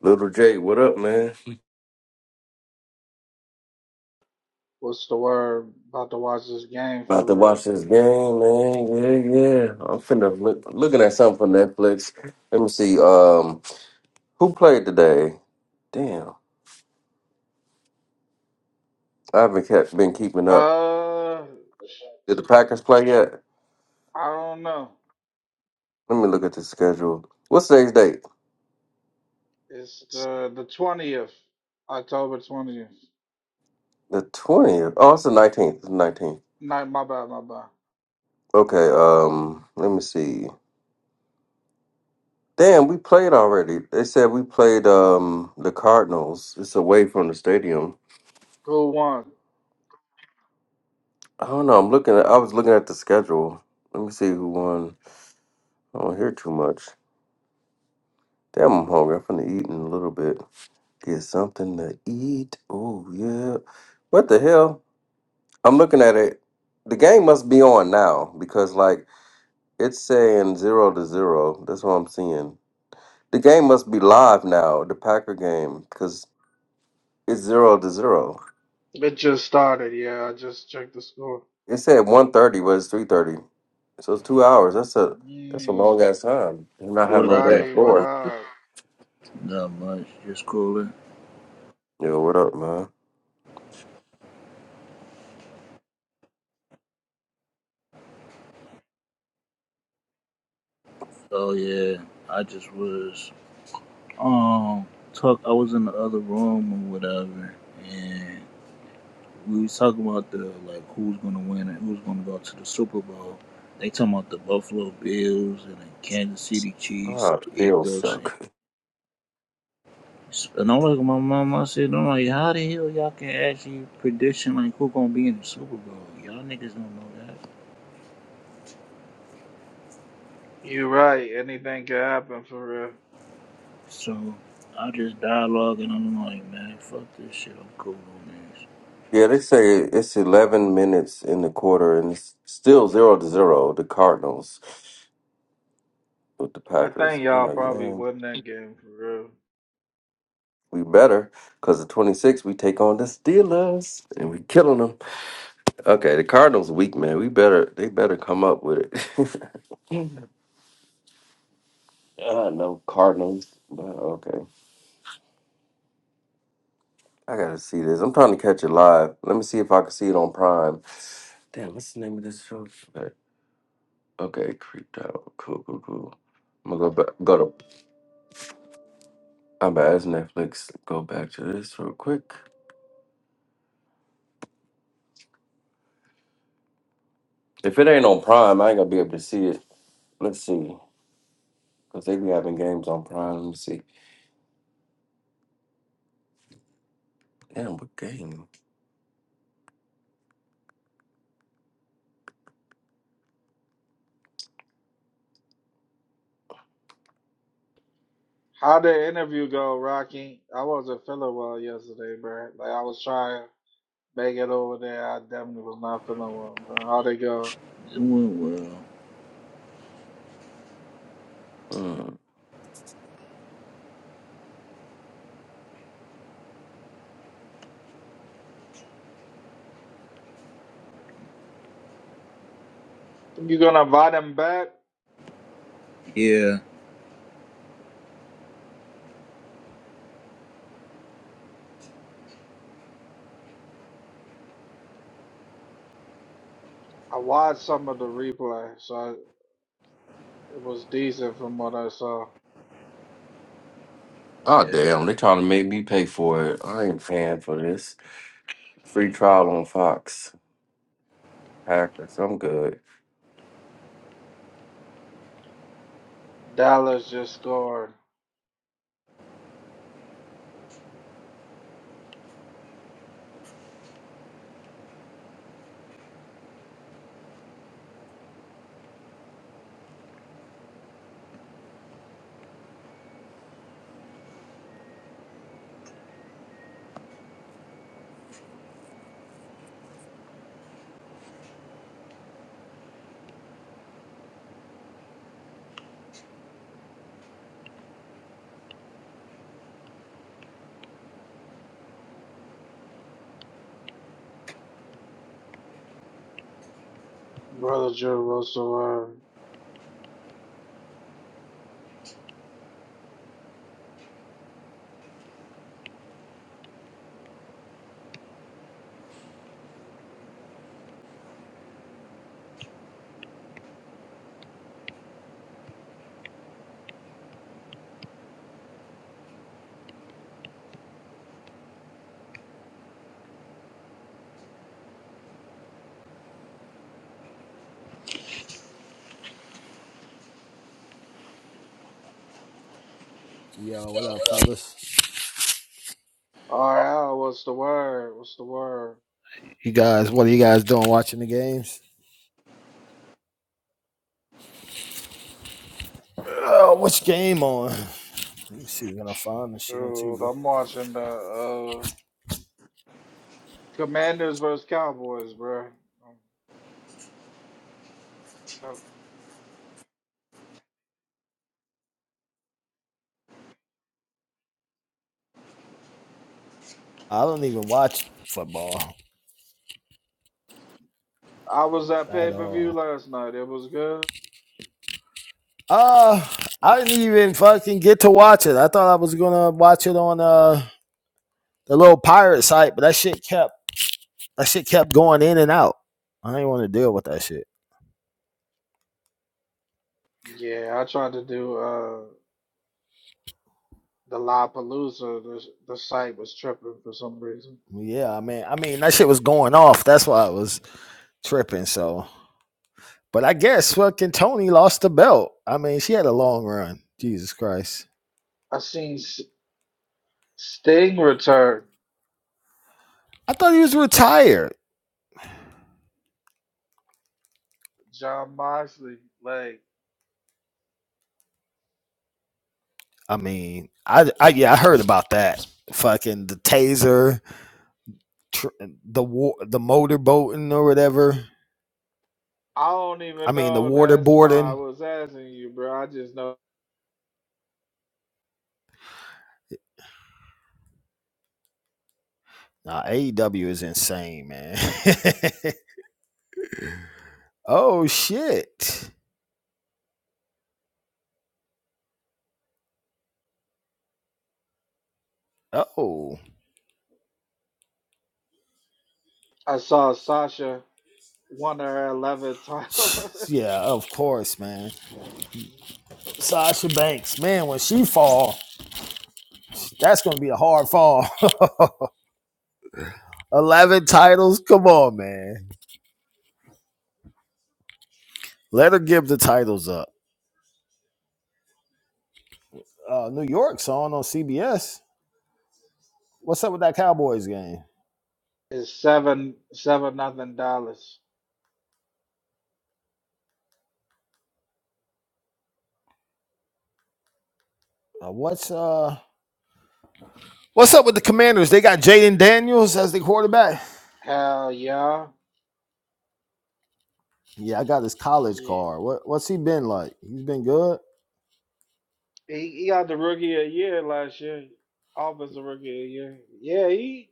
Little J, what up, man? What's the word? About to watch this game About to for real. watch this game, man. Yeah, yeah. I'm finna look, looking at something for Netflix. Let me see. Um, who played today? Damn, I haven't kept been keeping up. Uh, Did the Packers play yet? I don't know. Let me look at the schedule. What's today's date? It's the the twentieth, October twentieth. The twentieth. Oh, it's the nineteenth. It's The nineteenth. Not my bad, my bad. Okay. Um, let me see. Damn, we played already. They said we played um the Cardinals. It's away from the stadium. Who won? I don't know. I'm looking. At, I was looking at the schedule. Let me see who won. I don't hear too much. Damn, I'm hungry. I'm finna eat in a little bit. Get something to eat. Oh yeah. What the hell? I'm looking at it. The game must be on now because like it's saying zero to zero. That's what I'm seeing. The game must be live now. The Packer game because it's zero to zero. It just started. Yeah, I just checked the score. It said one thirty, but it's three thirty. So it's two hours. That's a that's a long Mm. ass time. You not have What no up, damn Rocky, what floor. everybody? up? Not much, just cooling. Yo, what up, man? So yeah, I just was um talk. I was in the other room or whatever, and we was talking about the like who's gonna win and who's gonna go to the Super Bowl. They talking about the Buffalo Bills and the Kansas City Chiefs, Ah, still Eagles, and, suck. and I'm like my mom. I said, I'm like, how the hell y'all can actually prediction like who gonna be in the Super Bowl? Y'all niggas don't know that. You right. Anything could happen for real. So I just dialog, and I'm like, man. Fuck this shit. I'm cool on this. Yeah, they say it's 11 minutes in the quarter and it's still 0 to 0, the Cardinals with the I Packers. think I'm y'all like, probably man, won that game for real. we better because the 26 we take on the Steelers and we killing them. Okay, the Cardinals weak, man. We better, they better come up with it. I know Cardinals, but okay. I gotta see this. I'm trying to catch it live. Let me see if I can see it on Prime. Damn, what's the name of this show? Okay, creeped out. Cool, cool, cool. I'm gonna go back. Go to. I'm about to ask Netflix. Go back to this real quick. If it ain't on Prime, I ain't gonna be able to see it. Let's see, cause they be having games on Prime. Let me see. Damn, what game? How did the interview go, Rocky? I wasn't feeling well yesterday, bro. Like I was trying. They get over there. I definitely was not feeling well, bro. How they go? It went well. Mm. You gonna buy them back? Yeah, I watched some of the replay, so I, it was decent from what I saw. Oh yeah. damn, they trying to make me pay for it. I ain't paying for this. Free trial on Fox. Hackers, I'm good. Dallas just scored. Brother Drew, what's the word? Yo, what up, fellas? RL, what's the word? What's the word? You guys, what are you guys doing watching the games? Oh, which game on? Let me see. if We're gonna find this shit on Dude, TV. I'm watching the uh, Commanders versus Cowboys, bro. I don't even watch football I was at at pay per view all. last night. It was good. Uh, I didn't even fucking get to watch it. I thought I was gonna watch it on uh the little pirate site, but that shit kept that shit kept going in and out. I didn't want to deal with that shit. Yeah, I tried to do. uh. the La Palooza, the, the site was tripping for some reason. Yeah, I mean, I mean that shit was going off. That's why I was tripping. So. But I guess fucking Tony lost the belt. I mean, she had a long run. Jesus Christ. I seen S- Sting return, I thought he was retired. John Moxley. Like, I mean, I, I yeah, I heard about that. Fucking the taser, tr- the wa- the motorboating or whatever. I don't I even mean, the know. That's why I waterboarding. was asking you, bro. I just know Nah, AEW is insane, man. oh shit. Oh. I saw Sasha won her 11th title. Yeah, of course, man. Sasha Banks, man, when she fall, that's gonna be a hard fall. Eleven titles. Come on, man. Let her give the titles up. Uh, New York's on on CBS. What's up with that Cowboys game? it's seven, seven nothing dollars. Uh, what's uh What's up with the Commanders? They got Jaden Daniels as the quarterback. Hell yeah. Yeah, I got his college Yeah. card. What What's he been like? He's been good. He, he got the rookie of the year last year, offensive rookie of the year. Yeah, he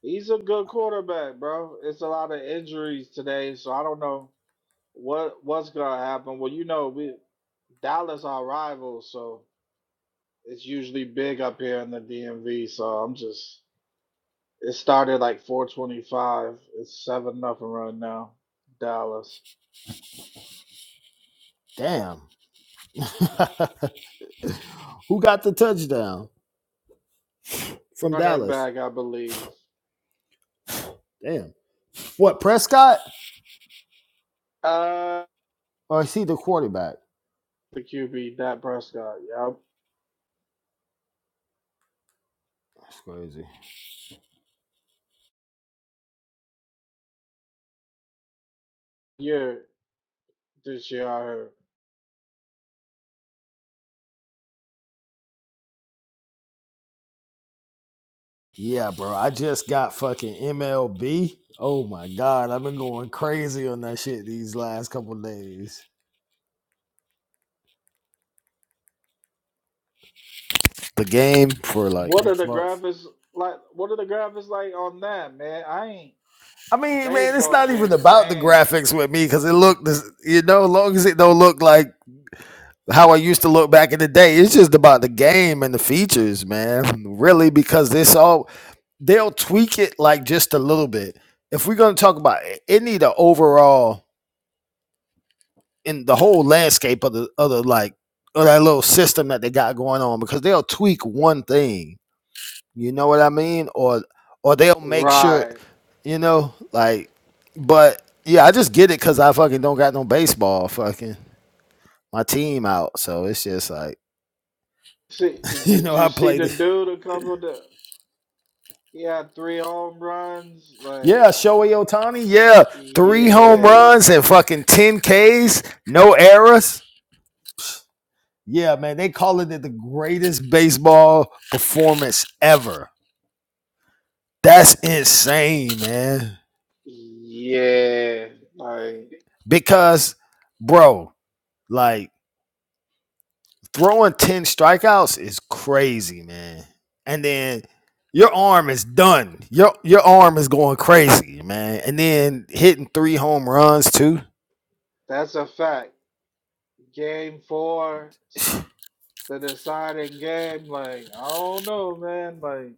He's a good quarterback, bro. It's a lot of injuries today, so I don't know what what's gonna happen. Well, you know, we Dallas our rivals, so it's usually big up here in the DMV. So I'm just it started like 425. It's seven nothing right now. Dallas Damn. Who got the touchdown from running Dallas? back, I believe. Damn. What Prescott? Uh, Or is he the quarterback? the QB Dak Prescott. Yep, That's crazy. year this year I heard. Yeah, bro. I just got fucking MLB. Oh my god, I've been going crazy on that shit these last couple days. The game for like What are the Xbox. graphics like? What are the graphics like on that, man? I ain't. I mean, man, it's Baseball not even game, about the dang. graphics with me because it looked, you know, long as it don't look like how I used to look back in the day. It's just about the game and the features, man. Really, because this all they'll tweak it like just a little bit. If we're gonna talk about it, it need an overall. in the whole landscape of the other like of that little system that they got going on because they'll tweak one thing. You know what I mean? Or or they'll make sure, Right. you know, like but yeah, I just get it because I fucking don't got no baseball fucking my team out. So it's just like See, you did know, you I see played the it. dude a couple of the he had three home runs? Like, Yeah, Shohei Ohtani, yeah. Three home yeah, runs and fucking ten Ks, no errors. Yeah, man, they calling it the greatest baseball performance ever. That's insane, man. yeah. Like, Because, bro, like throwing 10 strikeouts is crazy, man. And then your arm is done. Your your arm is going crazy, man. And then hitting three home runs too. that's a fact. Game four, sw- the deciding game. Like, I don't know, man. Like,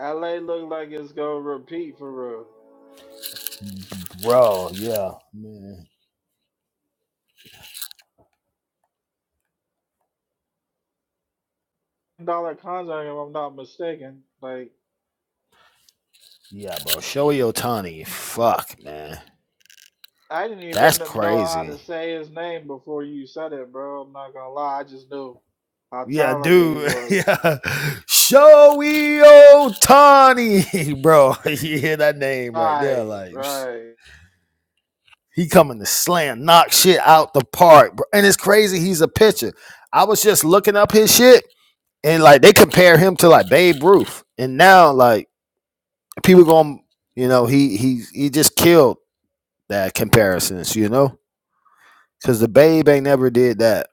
LA look like it's gonna repeat for real. Bro, yeah, man. Dollar contract, if I'm not mistaken. Like. Yeah, bro. Shohei Otani. Fuck, man. I didn't That's even know how crazy. to say his name before you said it, bro. I'm not gonna lie. I just knew how Yeah, talented Yeah, he dude. dude. was. Yeah. Shohei Otani, bro. You hear that name right there, Right, like right. He coming to slam, knock shit out the park. bro. And it's crazy. He's a pitcher. I was just looking up his shit, and like they compare him to like Babe Ruth, and now like people going, you know, he he he just killed that comparisons, you know, because the Babe ain't never did that.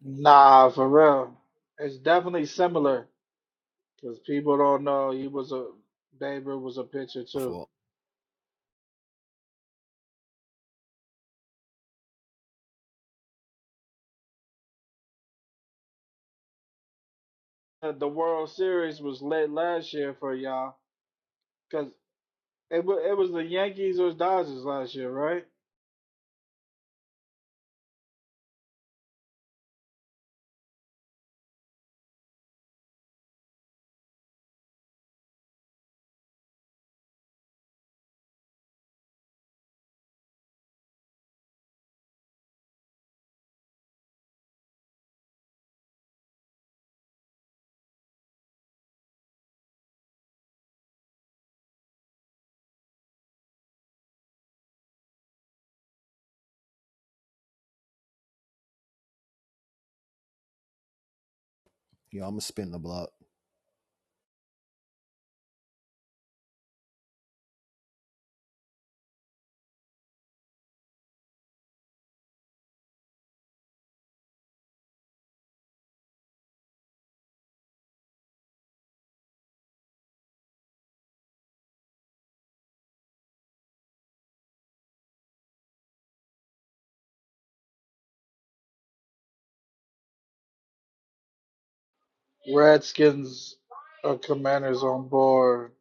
Nah, for real. It's definitely similar because people don't know he was a Babe Ruth was a pitcher My too. fault. Uh, The World Series was late last year for y'all because it was it was the Yankees or Dodgers last year, right? Yo, I'm gonna spin the block. Redskins or Commanders on board.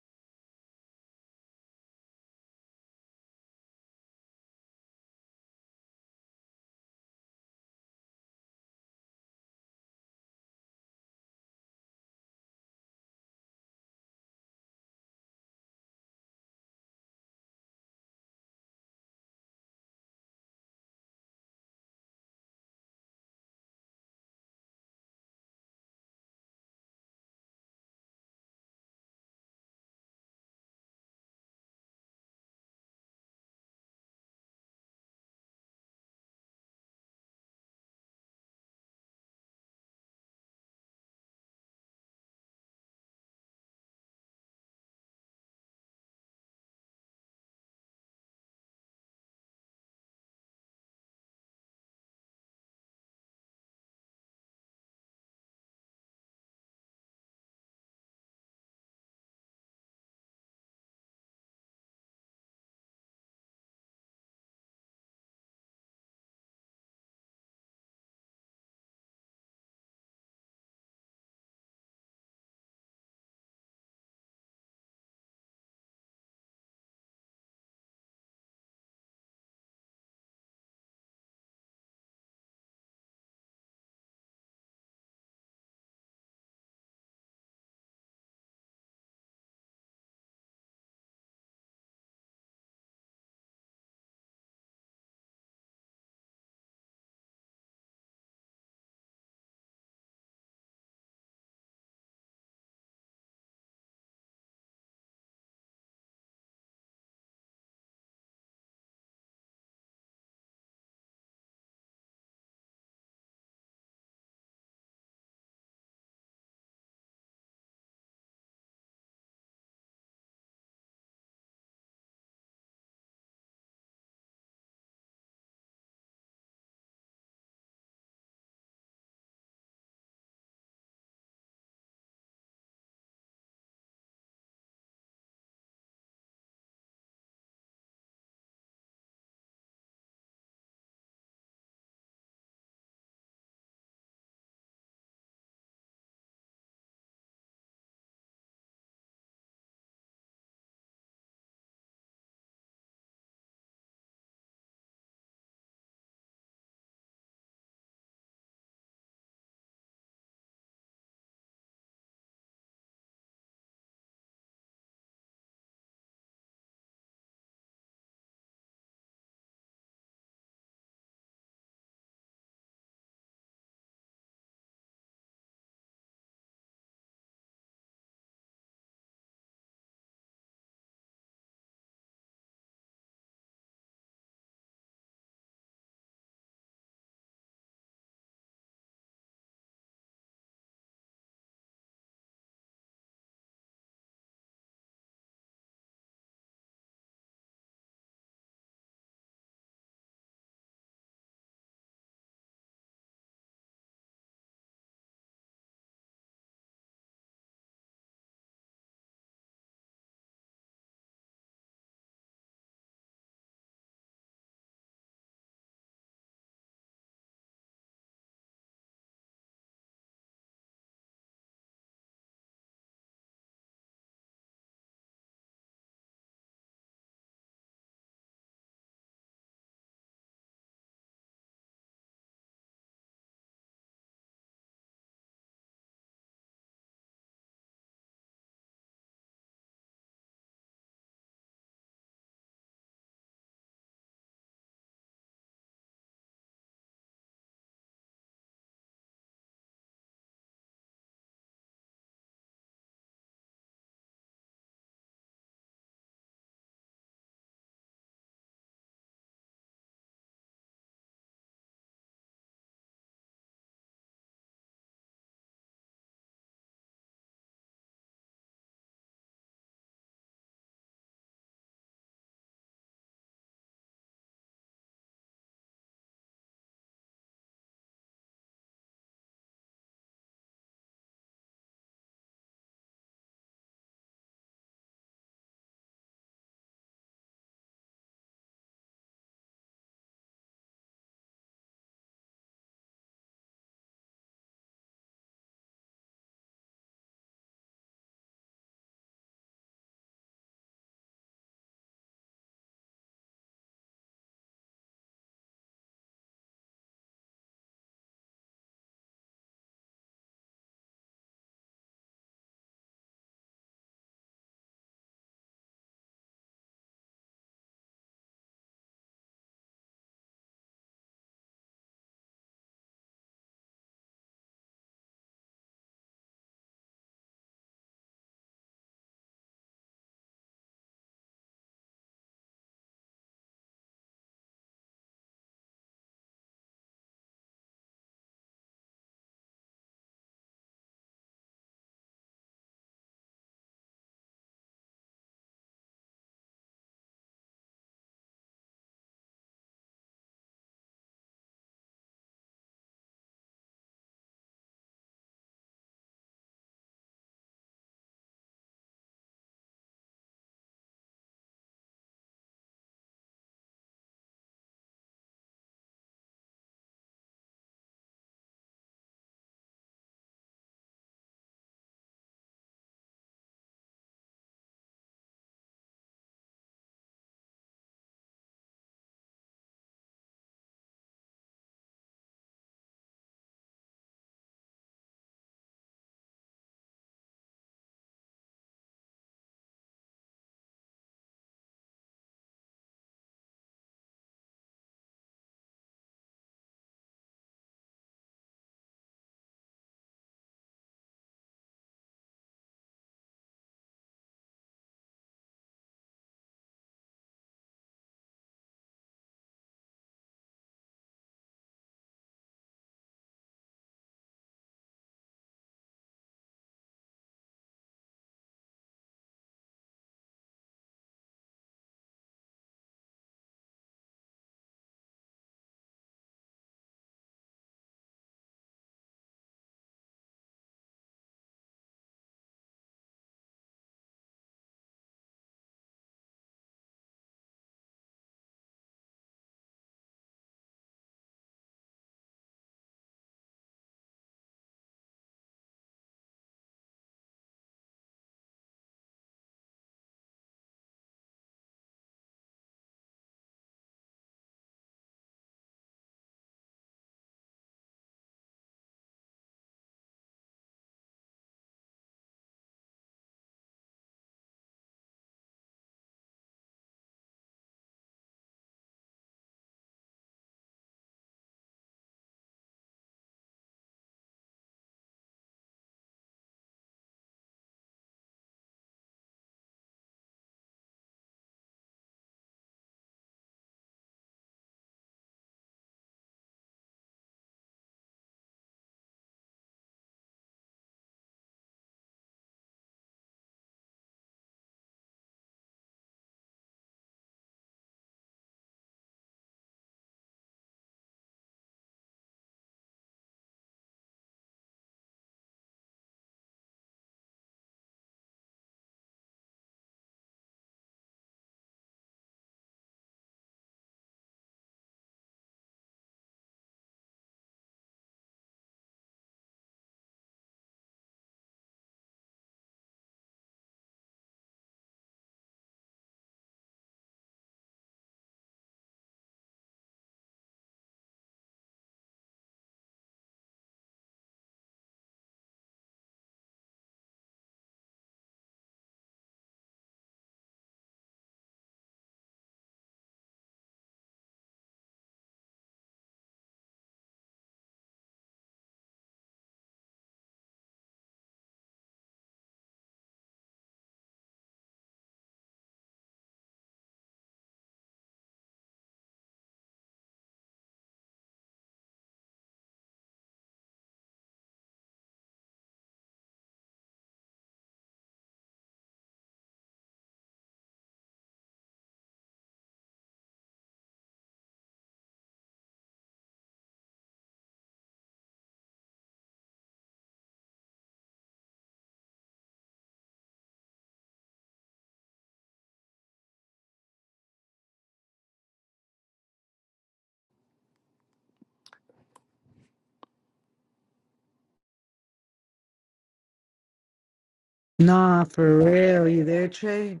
Nah, for real. You there, Trey?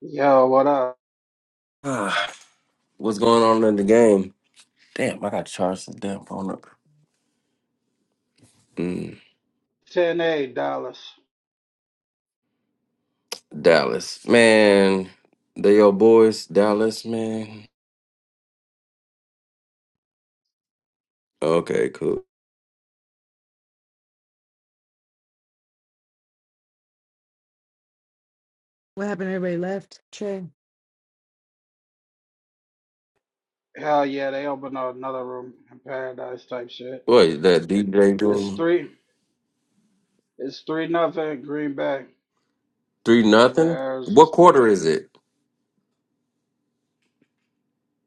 Yo, what up? Ah, What's going on in the game? Damn, I got to charge the damn phone up. Hmm. 10 A Dallas. Dallas, man. They your boys, Dallas, man. Okay, cool. What happened? Everybody left, Trey? Hell yeah, they opened up another room in paradise type shit. Wait, that DJ It's doing three. It's three nothing Green Bay three over nothing? Arizona. What quarter Yeah, is it?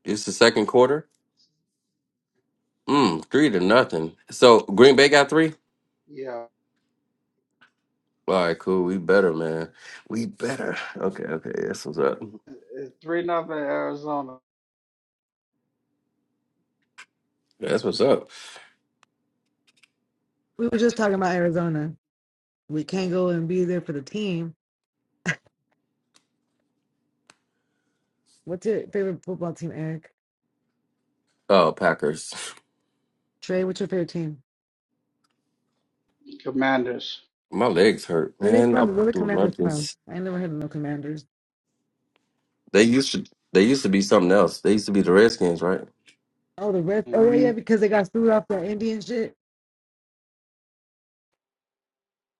It's the second quarter. Mm, three to nothing. So Green Bay got three. yeah. All right, cool. We better, man. We better. Okay, okay. That's what's up. It's three nothing Arizona That's what's up. We were just talking about Arizona. We can't go and be there for the team. What's your favorite football team, Eric? Oh, Packers. Trey, what's your favorite team? Commanders. My legs hurt, Where they man. I'm from? Where the doing commanders from? lunges. I ain't never heard of no commanders. They used to. They used to be something else. They used to be the Redskins, right? Oh, the rest. Oh, yeah, hmm yeah, because they got screwed off that Indian shit.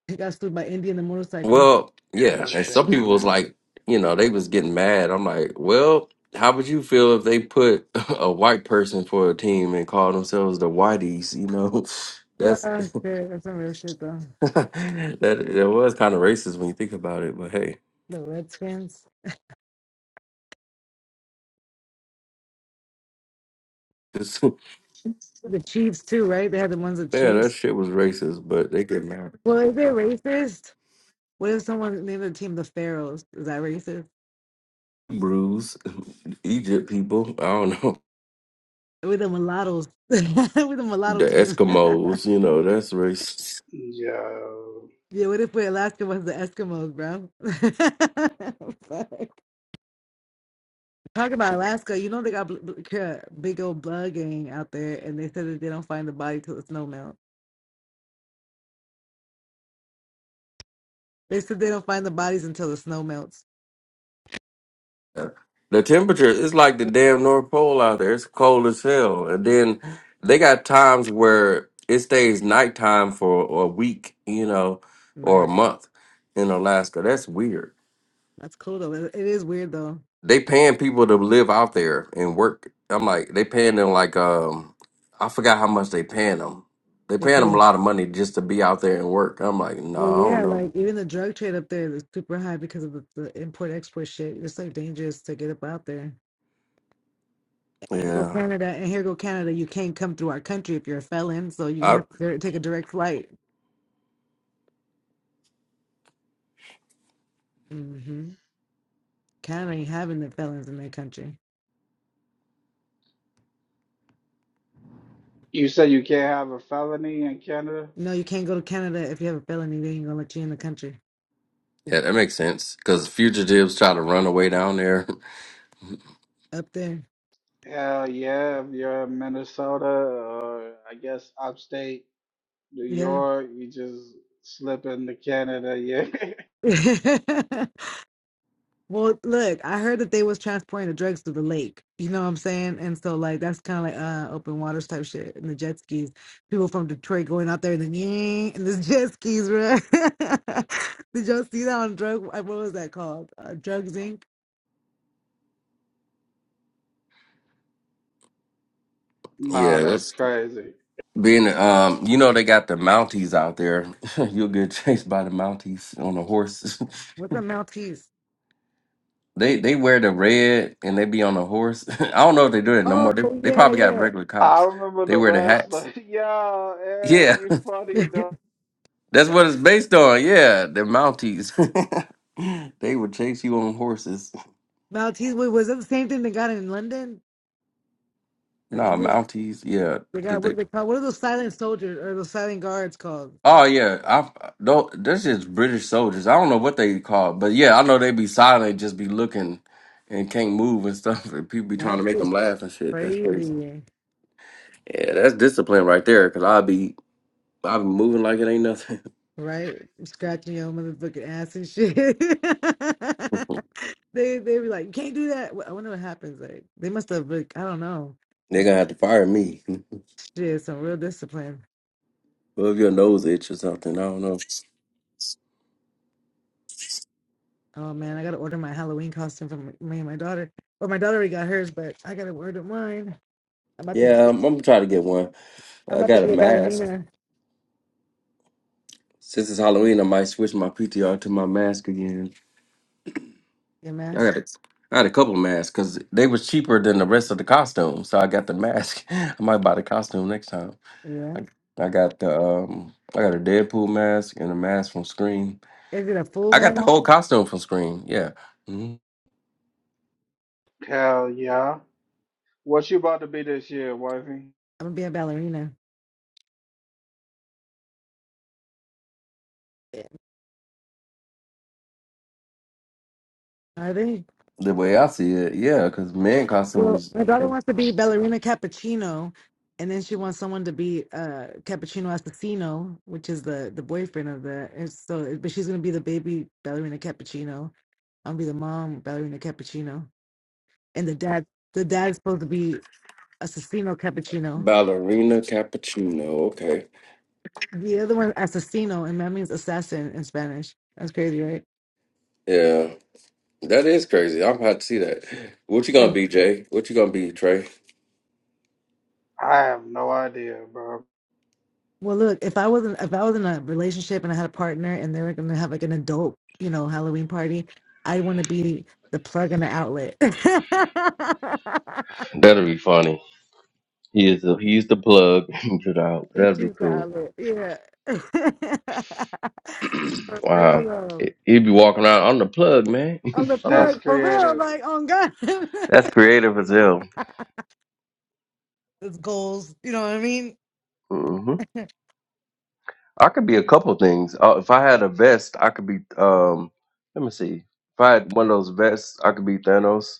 They got screwed by Indian the motorcycle. Well, yeah. Yeah, And some change the people was name. like, you know, they was getting mad. I'm like, well, how would you feel if they put a white person for a team and call themselves the Whiteys? You know, that's Ah, shit. That's some real shit, though. that that was kind of racist when you think about it. But hey, The Redskins. this, man, The Chiefs, too, right? They had the ones with that Chiefs. shit was racist. But they get mad. Well, is it racist? What if someone named the team the Pharaohs? Is that racist? Hebrews, Egypt people, I don't know, With the mulattoes. with the mulatto the team. Eskimos. You know, that's racist. Yeah. yeah, what if we Alaska was the Eskimos, bro? Fuck. Talk about Alaska. You know they got bl- bl- ca- big old blood gang out there, and they said that they don't find the body till the snow melts. They said they don't find the bodies until the snow melts. The temperature is like the damn North Pole out there. It's cold as hell. And then they got times where it stays nighttime for a week, you know, or a Right. month in Alaska. That's weird. That's cool though. It it is weird though. They paying people to live out there and work. I'm like, they paying them like um, I forgot how much they paying them. They They paying them a pay. lot of money just to be out there and work. I'm like, no, Well, I don't yeah, know. like even the drug trade up there is super high because of the, the import export shit. It's like dangerous to get up out there. Here go Yeah, Canada, and here go Canada. You can't come through our country if you're a felon, so you're I, gonna have to dir- take a direct flight. hmm Canada ain't having the felons in their country. You said you can't have a felony in Canada. No, you can't go to Canada if you have a felony. They ain't gonna let you in the country. yeah, that makes sense because fugitives try to run away down there. Up there, Hell yeah, if you're in Minnesota or I guess upstate New yeah. York, you just slip into Canada. Yeah. Well, look, I heard that they was transporting the drugs to the lake. You know what I'm saying? And so like that's kind of like uh open waters type shit. And the jet skis, people from Detroit going out there and then yeah, and the jet skis, bro. Did y'all see that on drug? uh, What was that called? Uh, Drugs Inc. nah, yeah, that's that's. crazy. Being, um, you know, they got the Mounties out there. You'll get chased by the Mounties on a horse. What's a Maltese? they they wear the red and they be on a horse. I don't know if they do that no Oh more. They they probably got yeah, regular I cops. remember They the wear the hats. wrestler. Yo, Eric, Yeah, you funny yeah. dog. that's what it's based on. Yeah, the Mounties. they would chase you on horses. Maltese. Wait, was that the same thing they got in London or Nah, England? Mounties. Yeah, They because got they what are they called? What are those silent soldiers or those silent guards called? Oh But yeah, I don't. That's just British soldiers. I don't know what they call, but yeah, I know they be silent, just be looking, and can't move and stuff. And people be trying to that make them shit's laugh and shit. That's crazy. crazy. Yeah, that's discipline right there. Cause I be I be moving like it ain't nothing. right? Scratching your motherfucking ass and shit. they they be like, you can't do that. Well, I wonder what happens. Like they must have like, I don't know. they That's gonna have to fire me. shit, some real discipline. Well, if your nose itch or something, I don't know. Oh man, I gotta order my Halloween costume for m- me and my daughter. Well, my daughter already got hers, but I gotta order mine. I'm about to be, Yeah, I'm, I'm trying to get one. I'm I about to got a be a mask. ballerina. Since it's Halloween, I might switch my PTR to my mask again. Your I mask? got a, I had a couple of masks because they was cheaper than the rest of the costumes. So I got the mask. I might buy the costume next time. Yeah. I, I got the um I got a Deadpool mask and a mask from Scream. Is it a full I got mask? the whole costume from Scream. Yeah, hmm Hell yeah. What you about to be this year, wifey? I'm gonna be a ballerina. Yeah. Are they? the way I see it, yeah, because man Well, costumes my daughter eh, wants to be ballerina cappuccino, and then she wants someone to be uh cappuccino assassino, which is the the boyfriend of the. And so, but she's gonna be the baby ballerina cappuccino. I'm gonna be the mom ballerina cappuccino, and the dad the dad's supposed to be assassino cappuccino. ballerina cappuccino. Okay, The other one assassino, and that means assassin in Spanish. That's crazy, right? yeah, that is crazy. I'm about to see that. What you gonna be, Jay? What you gonna be, Trey? I have no idea, bro. Well, look, if I wasn't if I was in a relationship and I had a partner and they were gonna have like an adult, you know, Halloween party, I want to be the plug and the outlet. That'll be funny. He is the, he's the plug. Put out. That'll it's be just the cool. outlet, yeah. for real Wow. though, He- He'd be walking around on the plug, man. I'm the on the, That's plug for real. creative. Like, oh god, that's creative as hell. it's goals. You know what I mean? hmm I could be a couple things. Uh, if I had a vest, I could be. Um, let me see. If I had one of those vests, I could be Thanos.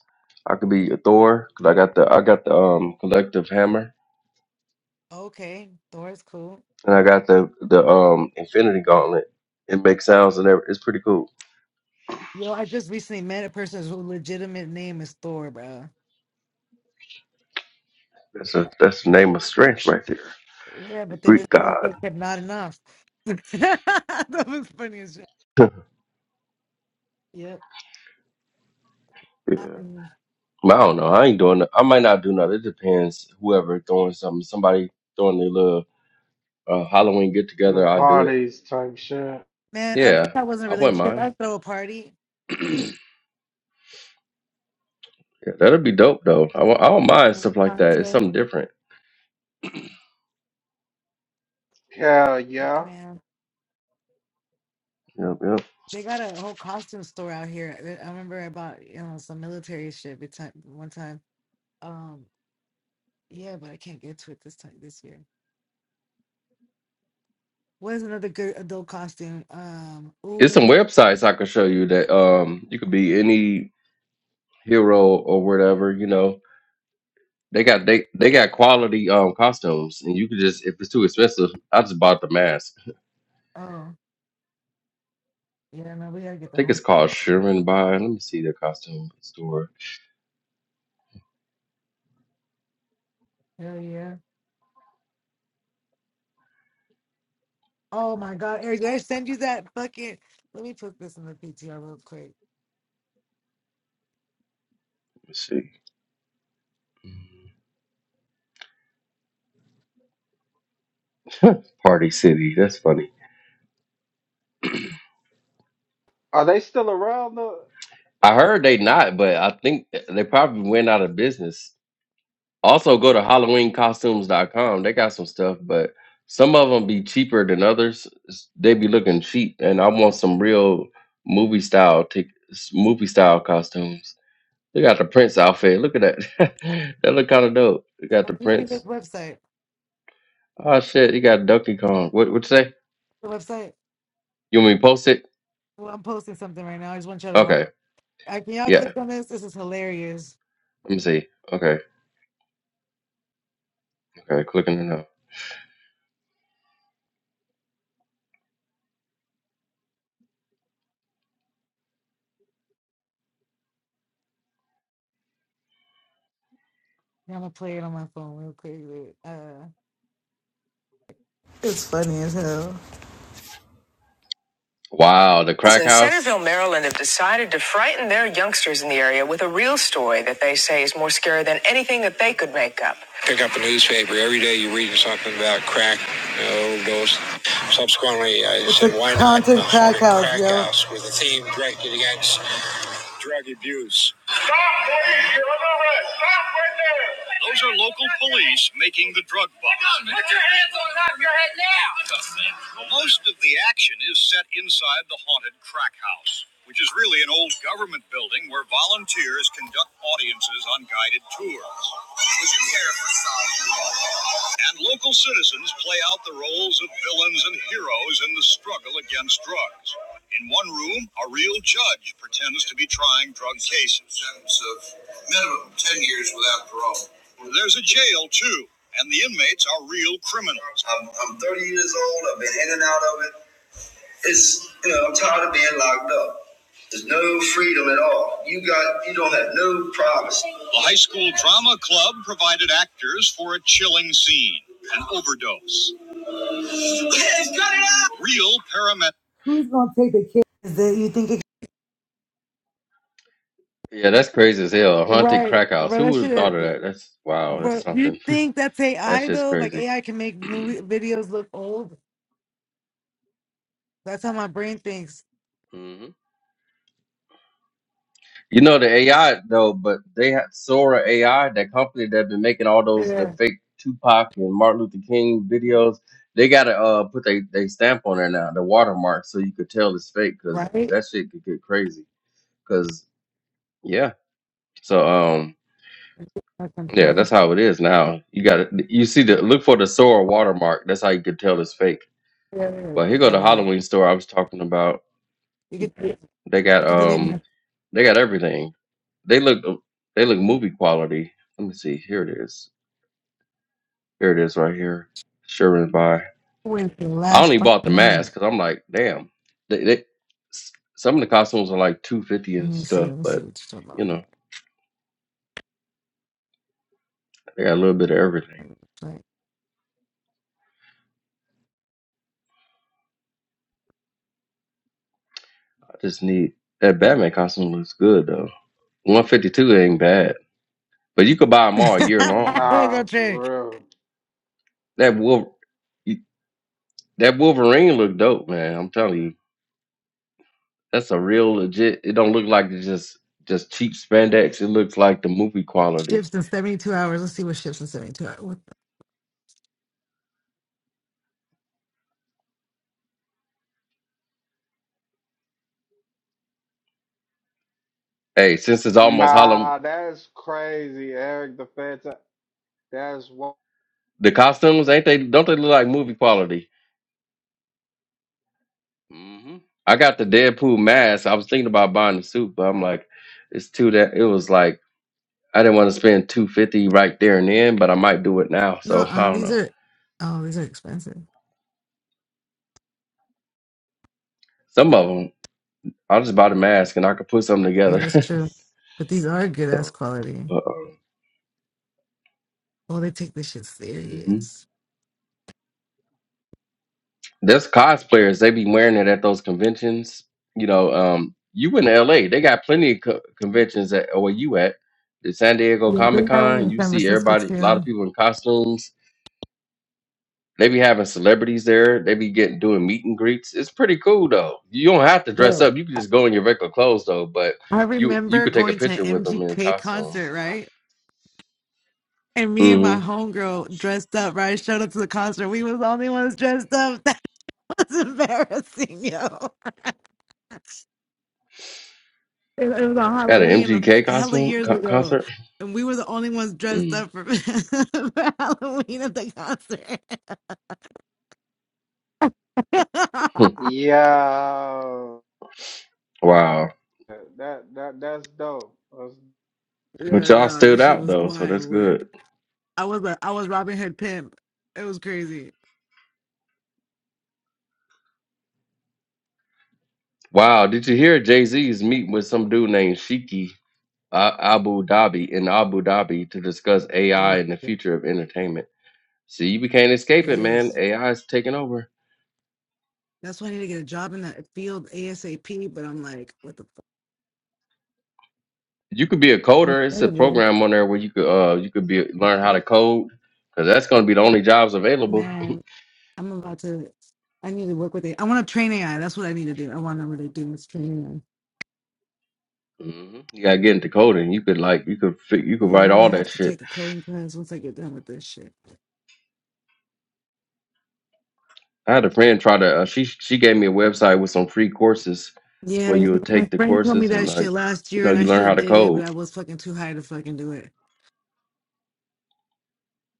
I could be a Thor because I got the I got the um collective hammer Okay, Thor is cool. and I got the the um Infinity Gauntlet. It makes sounds and everything. It's pretty cool. Yo, I just recently met a person whose legitimate name is Thor, bro. That's a that's the name of strength right there. Yeah, The but then this Greek god. motherfucker kept not enough. that was funny as shit. Yep. Yeah. happened I don't know. I ain't doing. no, I might not do nothing. It depends. Whoever throwing something, somebody throwing their little uh, Halloween get together, With I'll do it. parties type shit. Man, I wish Yeah, I was in a I wouldn't relationship. mind. I throw a party Yeah, that'd be dope though. I, won't- I don't mind stuff like that. It's contest. something different. Hell Fuck, yeah. man. Yep, yep. They got a whole costume store out here. I I remember I bought, you know, some military shit bit- time- one time. Um, yeah, but I can't get to it this time this year. What is another good adult costume? Um, It's ooh, some websites I could show you that um you could be any hero or whatever. You know they got they they got quality um costumes and you could just if it's too expensive I just bought the mask. oh, yeah, no, we gotta I get the think it's whole shit. called Sherman by. Let me see the costume store. Hell yeah. Oh my God, Eric, did I send you that fucking? Let me put this in the PTR real quick. Let's see. Party City. That's funny. Are they still around though? I heard they not, but I think they probably went out of business. Also, go to halloween costumes dot com. They got some stuff, but some of them be cheaper than others. S- They be looking cheap, and I want some real movie style tic- s- movie style costumes. They got the Prince outfit. Look at that. that look kind of dope. They Uh, got the Let me see this Prince. website. Oh shit, you got Donkey Kong. What what you say? The website. You want me to post it? Well, I'm posting something right now. I just want y'all to watch. Okay. I, can y'all Yeah. click on this? This is hilarious. Let me see. Okay. Okay. Clicking it now. Yeah, I'm gonna play it on my phone real quick. Uh, It's funny as hell. Wow, the Schools crack in house. Centerville, Maryland have decided to frighten their youngsters in the area with a real story that they say is more scary than anything that they could make up. Pick up a newspaper. Every day you're reading something about crack you know, overdose. Subsequently, I It's said, why not a crack house, crack yo. house with a theme directed against drug abuse? Those are local police making the drug bust. Most of the action is set inside the haunted crack house, which is really an old government building where volunteers conduct audiences on guided tours. And local citizens play out the roles of villains and heroes in the struggle against drugs. In one room, a real judge pretends to be trying drug cases. Sentence of minimum 10 years without parole. There's a jail, too, and the inmates are real criminals. I'm, I'm 30 years old. I've been in and out of it. It's you know I'm tired of being locked up. There's no freedom at all. You got you don't have no privacy. The high school drama club provided actors for a chilling scene, an overdose. Yes, cut it out. Real paramedic. Who's gonna take the kid? Is that you think it Yeah, that's crazy as hell. A haunted Right, crack house. but Who that would have thought shit. of that? That's wow. That's But something. you think that's That's AI just though? Like crazy. AI can make movie videos look old. That's how my brain thinks. hmm You know the AI though, but they had Sora AI, that company that been making all those the Yeah. fake Tupac and Martin Luther King videos. They gotta uh put they they stamp on there now, the watermark, so you could tell it's fake because Right. that shit could get crazy. Cause yeah, so um My yeah, control. that's how it is now. You gotta you see the look for the Sora watermark. That's how you could tell it's fake. Yeah. yeah, yeah. But here Pick go that the one up. Halloween store I was talking about. You could you They got could delete. my. um they got everything. They look uh, they look movie quality. Let me see. Here it is. Here it is right here. Sherman by. With the I last only bought the fucking mask minute. because I'm like, damn. They, they s- some of the costumes are like two fifty Let and me see. stuff, Let me see but what you're talking you about. know they got a little bit of everything. Right. I just need that Batman costume looks good though. One fifty two ain't bad, but you could buy them all Here year long Like, though. I Nah, got for Trey. real. That wolf, that Wolverine looked dope, man. I'm telling you. That's a real legit. It don't look like it's just just cheap spandex. It looks like the movie quality. Ships in 72 hours. Let's see what ships in 72 hours. What the- Hey, since it's almost Harlem, Nah, that's crazy, Eric the Phantom. That's what. the costumes ain't they? Don't they look like movie quality? hmm I got the Deadpool mask. I was thinking about buying the suit, but I'm like, it's too that. It was like I didn't want to spend two fifty right there and then, but I might do it now. No, So uh, I don't these know. are. Oh, these are expensive. Some of them, I'll just buy the mask and I could put something Yeah, together. that's true. But these are good ass so, quality. but. um, Oh, they take this shit serious. There's cosplayers. They be wearing it at those conventions. You know, um, you in L.A. They got plenty of co- conventions at where you at. The San Diego Yeah, they Comic had one Con. in You San see Francisco everybody. A lot of too. people in costumes. They be having celebrities there. They be getting doing meet and greets. It's pretty cool though. You don't have to dress Yo, up. You can just go in your regular clothes though. But I you you remember could take a going to picture with an them in MGK costumes. concert, right? And me and my hmm homegirl dressed up, right? Showed up to the concert. We was the only ones dressed up. That was embarrassing, yo. It, it was on At an Halloween a f- MGK hella costume years co- ago, concert. and we were the only ones dressed Mm. up for, for Halloween at the concert. Yeah. Wow. That that that's dope. That's- But yeah, y'all no, that stood shit out was though, so wild that's good. work. I was a, I was Robin Hood pimp. It was crazy. Wow, did you hear Jay Z is meeting with some dude named Shiki uh, Abu Dhabi in Abu Dhabi to discuss Oh, AI and the shit. future of entertainment? See, we can't escape it it, man. is. AI is taking over. That's why I need to get a job in that field ASAP. But I'm like, what the fuck? You could be a coder. It's a Incredible, program on there where you could uh you could be learn how to code because that's going to be the only jobs available. man. I'm about to. I need to work with it. I want to train AI. That's what I need to do. I want to really do is train AI. hmm You gotta get into coding. You could like you could fi- you could Yeah, I'm write gonna all have that to shit. take a coding class once I get done with this shit. I had a friend try to uh, she she gave me a website with some free courses Yeah, where you you know, would my take the friend told me courses and that like shit last you year, know and I you should learn how have to did it, but code I was fucking too high to fucking do it.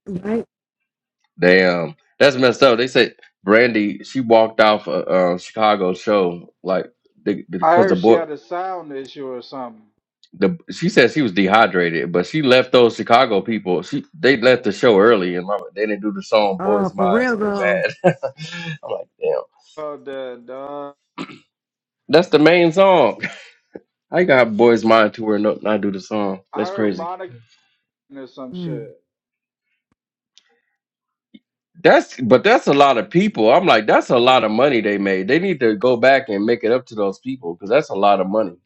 Right? Damn, that's messed up. They said Brandy she walked off a, uh Chicago show like because the, I because the heard she boy had a sound issue or something. the she said she was dehydrated, but she left those Chicago people. She they left the show early, and my, they didn't do the song Oh, "Boys for Mind," real so they though. mad. I'm like, damn, Oh, that dog. that's the main song. I got "Boys Mind" to where no, not do the song. I That's heard crazy. Monica or some Mm. shit. That's but that's a lot of people. I'm like, that's a lot of money they made. They need to go back and make it up to those people because that's a lot of money.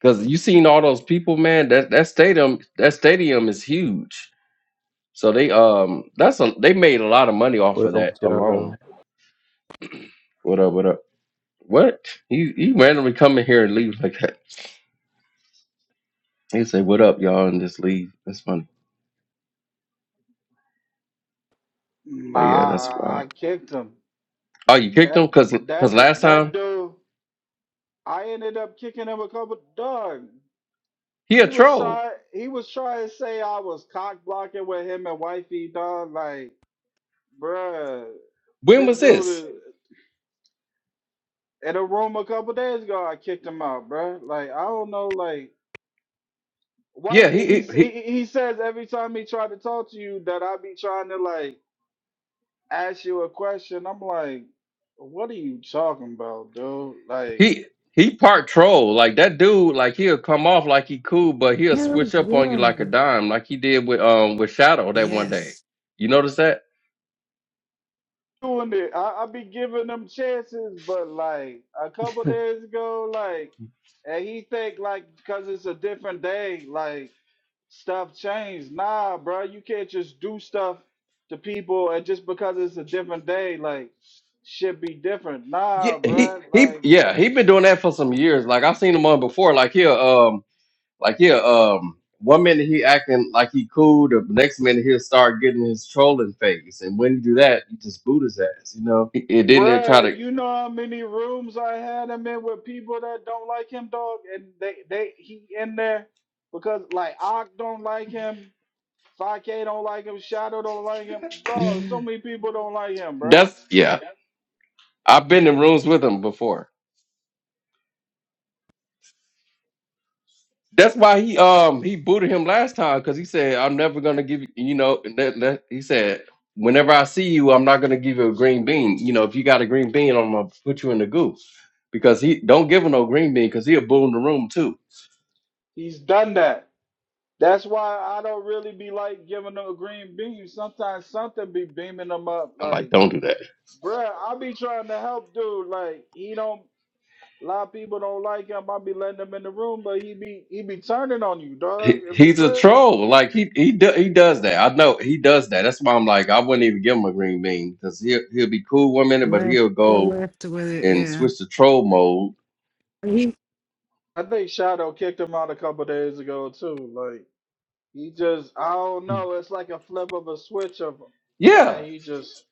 Cause you seen all those people, man. That that stadium, that stadium is huge. So they um, that's a they made a lot of money off Where of up that with you though? alone. What up? What up? What? He he randomly come in here and leave like that. He say, "What up, y'all?" and just leave. That's funny. Nah, But yeah, that's I, I wild. kicked him. Oh, you kicked him? That Cause cause that last that time dude. I ended up kicking him a couple. Dog. he a He was troll. trying. He was trying to say I was cock blocking with him and wifey. Dog. Like, bruh. When This was this? dude is, in a room a couple days ago. I kicked him out, bruh. Like, I don't know. Like, Yeah, he wifey. He he, s- he he, he says every time he tried to talk to you that I be trying to like. ask you a question. I'm like, what are you talking about, dude? Like, He he part troll. Like that dude, like he'll come off like he cool, but he'll Hell switch up on you like a yeah. dime, like he did with um with Shadow that one day. Yes. You notice that? doing it, I, I be giving them chances, but like a couple days ago, like, and he think like because it's a different day, like stuff changed. Nah, bro, you can't just do stuff to people and just because it's a different day, like, should be different. Yeah, Nah, he bro, he like. yeah, he been doing that for some years. Like I've seen him on before. Like he'll um like he'll um one minute he acting like he cool, the next minute he'll start getting his trolling phase. And when you do that, you just boot his ass, you know? It didn't try Bruh, you know how many rooms I had him in with people that don't like him, dog, and they they he in there because like Ock don't like him, 5K don't like him, Shadow don't like him, dog. to So many people don't like him, bruh. that's yeah. Yep. I've been in rooms with him before. That's why he um he booted him last time because he said I'm never gonna give you you know and that, that he said whenever I see you I'm not gonna give you a green bean you know if you got a green bean I'm gonna put you in the goo because he don't give him no green bean because he'll boo in the room too He's done that. That's why I don't really be like giving them a green beam. Sometimes something be beaming them up. I'm like Like, don't do that bruh, I be trying to help dude. Like, he don't. A lot of people don't like him. I be letting him in the room, but he be he be turning on you, dog. he, It'd be he's a crazy. troll like he he do, he does that I know he does that that's why I'm like I wouldn't even give him a green bean because he'll he'll be cool one minute but Left. he'll Yeah, go left to with it. and Yeah. switch to troll mode He. I think Shadow kicked him out a couple days ago too. Like he just I don't know. It's like a flip of a switch of yeah and he just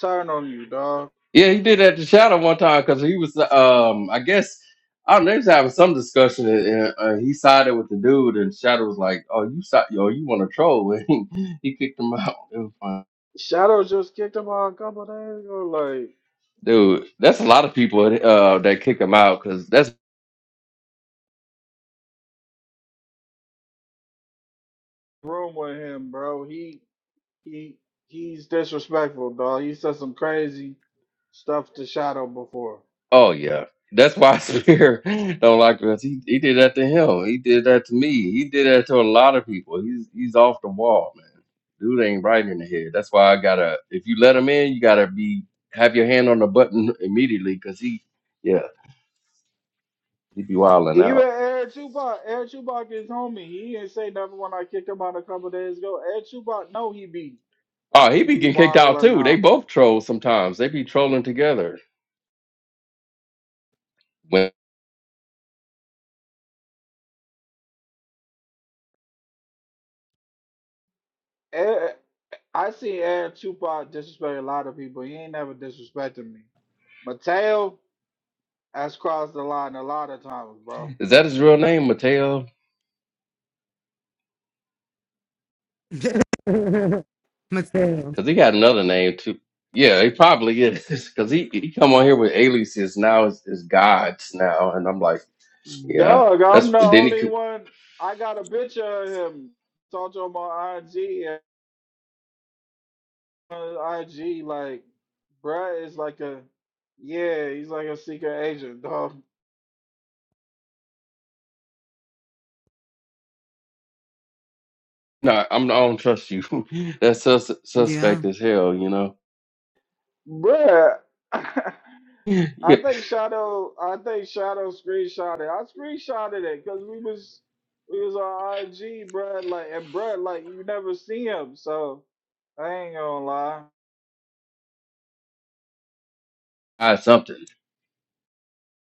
turned on you, dog. Yeah, he did that to Shadow one time because he was, um, I guess, I don't know, they was having some discussion and, and uh, he sided with the dude, and Shadow was like, "Oh, you side, yo, you want to troll?" And he kicked him out. It was fun. Shadow just kicked him out a couple days ago. Like Dude, that's a lot of people uh, that kick him out because that's room with him, bro. He he he's disrespectful, dog. He said some crazy stuff to Shadow before. Oh yeah, that's why Spear don't like us. He he did that to him. He did that to me. He did that to a lot of people. He's he's off the wall, man. Dude ain't right in the head. That's why I gotta. If you let him in, you gotta be have your hand on the button immediately because he, yeah, he be wilding Even out. Eric Chubak, Eric Chubak is homie. He didn't say nothing when I kicked him out a couple days ago. Eric Chubak, no, he be Oh, he he be be getting kicked out wilding too. They out. both troll sometimes. They be trolling together. When, Eric, I see Eric Chubak disrespect a lot of people. He ain't never disrespected me. Mateo has crossed the line a lot of times, bro. is that his real name, Mateo? Mateo. Cause he got another name too. Yeah, he probably is. Cause he, he come on here with aliases now is is gods now, and I'm like, yeah, Doug, I'm that's the then he only could. one. I got a picture of him. Talked to him on IG. And on IG, like, bruh is like a, yeah, he's like a secret agent, dog. No, I'm I don't trust you. that's sus, Yeah. suspect as hell, you know. Bruh, I Yeah, think Shadow, I think Shadow screenshotted. I screenshotted it because we was we was on IG, bruh, like and bruh, like you never see him, so I ain't gonna lie. hide something.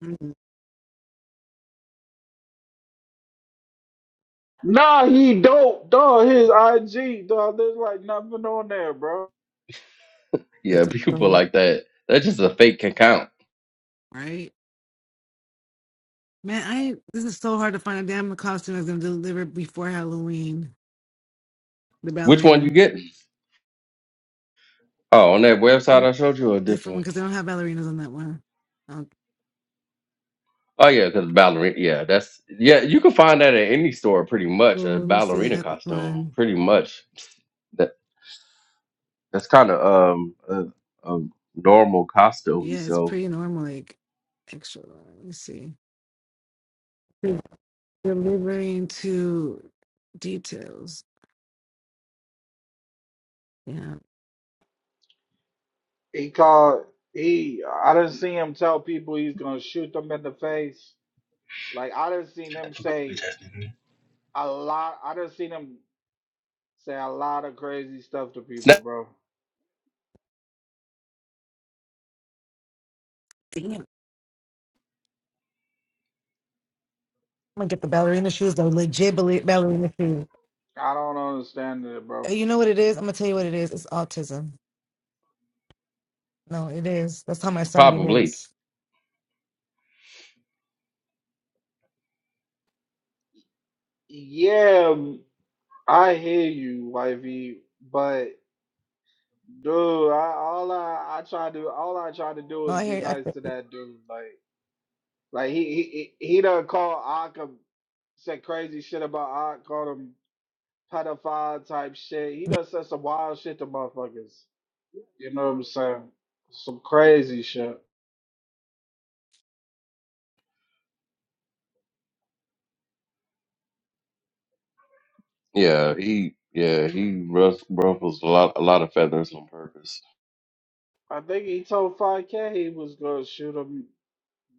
Mm. Nah, he dope, dog. His IG, dog. There's like nothing on there, bro. Yeah, That's a people problem. like that. That's just a fake account. Right. Man, I this is so hard to find a damn costume that's gonna deliver before Halloween. The Which one you ballerina, getting? Oh, on that website Mm, I showed you or a different different one one? because they don't have ballerinas on that one. Um, Oh yeah, because ballerina. Yeah, that's yeah. You can find that at any store pretty oh, much. A let me see. They ballerina got this costume, one. pretty much That's kind of um a, a normal costume. Yeah, it's So pretty normal, like extra. large. Let me see. They're Delivering to details. Yeah, He called. He, I didn't see him tell people he's gonna shoot them in the face. Like I didn't seen him That fuck up, bitch say ass nigga. a lot. I didn't seen him say a lot of crazy stuff to people, That- bro. damn. I'm gonna get the ballerina shoes though. Legit balle- ballerina shoes. I don't understand it, Uh, bro. You know what it is? I'm gonna tell you what it is. It's autism. No, it is. That's how my son probably, behaves. Yeah, I hear you, YV, but dude, I all I I try to all I try to do No, is I be nice hear. to that dude. Like like he he he he done called Occam said crazy shit about Ock, called him pedophile type shit. He done said some wild shit to motherfuckers. You know what I'm saying? Some crazy shit. yeah, he yeah he ruff, ruffles a lot a lot of feathers on purpose. I think he told 5K he was gonna shoot him.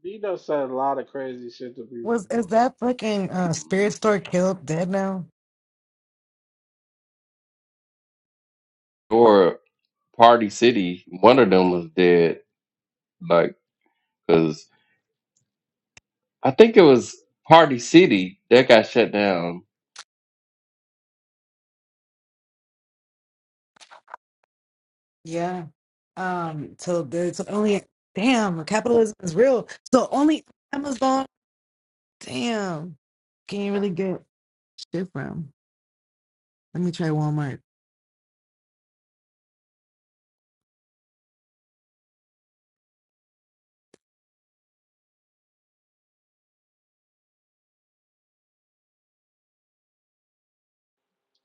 He done said a lot of crazy shit to Was people, is bro. that fucking uh, spirit hmm store killed dead now? Or Party City, one of them was dead, like because I think it was Party City that got shut down. Yeah. Um. So there's only damn capitalism is real. So only Amazon. Damn. Can you really get shit from? Let me try Walmart.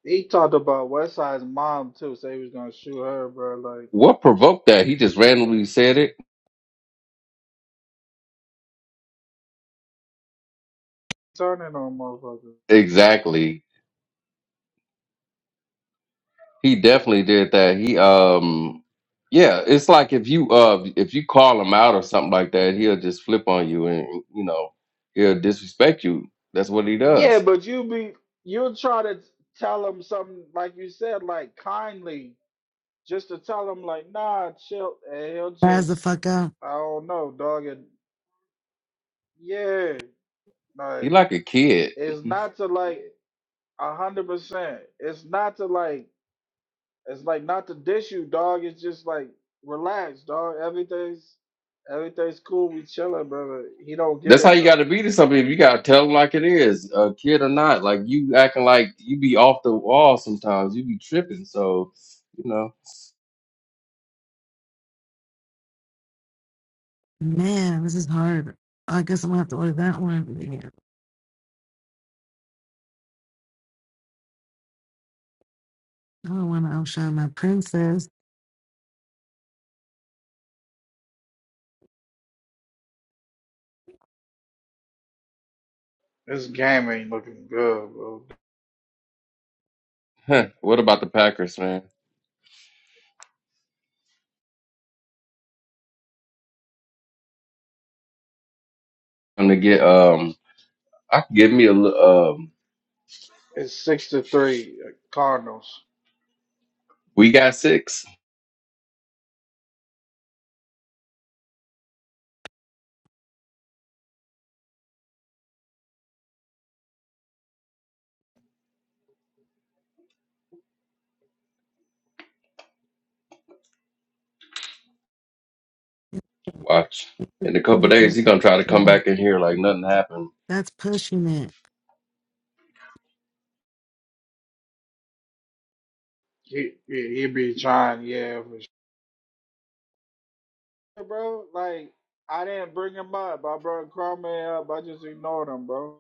He talked about Westside's mom too, say he was gonna shoot her, bro. Like What provoked that? He just randomly said it. turning on motherfuckers. Exactly. He definitely did that. He um yeah, it's like if you uh if you call him out or something like that, he'll just flip on you and you know, he'll disrespect you. That's what he Yeah, does. but you be you'll try to tell him something like you said, like kindly, just to tell him like, nah, chill, and he'll As the just, fuck out. I don't know, dog. And yeah, He like like a kid. it's not to like a hundred percent. It's not to like It's like not to diss you, dog. It's just like relax, dog. Everything's everything's cool. We chilling, brother. He don't get That's how it you though. gotta be to somebody. You gotta tell him like it is, a kid or not. Like you acting like you be off the wall sometimes. You be tripping. So, you know. Man, this is hard. I guess I'm gonna have to order that one. Yeah. I don't want to outshine my princess. This game ain't looking good, bro. Huh, what about the Packers, man? I'm gonna get um I can give me a li- um It's six to three, uh, Cardinals. we got six. Watch. In a couple days, he gonna try to come back in here like nothing happened. That's pushing it. He he, he be trying, yeah, for sure, bro. Like I didn't bring him up. I brought Cromwell up. I just ignored him, bro.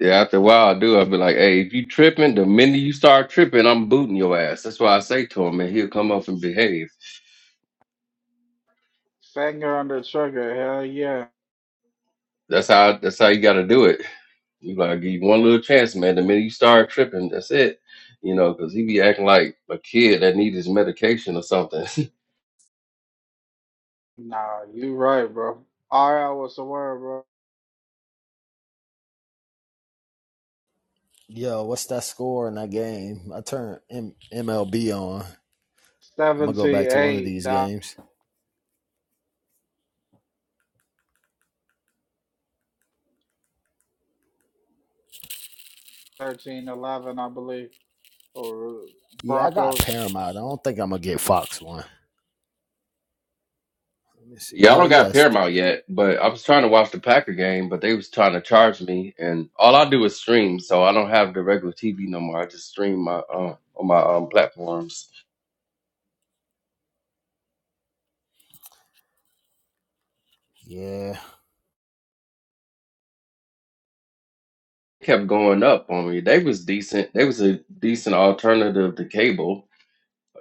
Yeah, after a while, I do. I'll be like, hey, if you tripping, the minute you start tripping, I'm booting your ass. That's why I say to him, and he'll come up and behave. Finger on the trigger. Hell yeah. That's how. That's how you got to do it. You gotta give you one little chance, man. The minute you start tripping, that's it. You know, because he be acting like a kid that need his medication or something. Nah, you right, bro. All right, what's the word, bro? Yo, what's that score in that game? I turned MLB on. I'm gonna go back to one of Seventy-eight. these dog. games. 13, 11, I believe, or Yeah, I got Broncos Paramount. I don't think I'm gonna get Fox One. Let me see. Yeah, I Yo, don't got yes. t- Paramount yet, but I was trying to watch the Packer game, but they was trying to charge me, and all I do is stream, so I don't have the regular TV no more. I just stream my uh, on my um, platforms. yeah. Kept going up on me. They was decent. They was a decent alternative to cable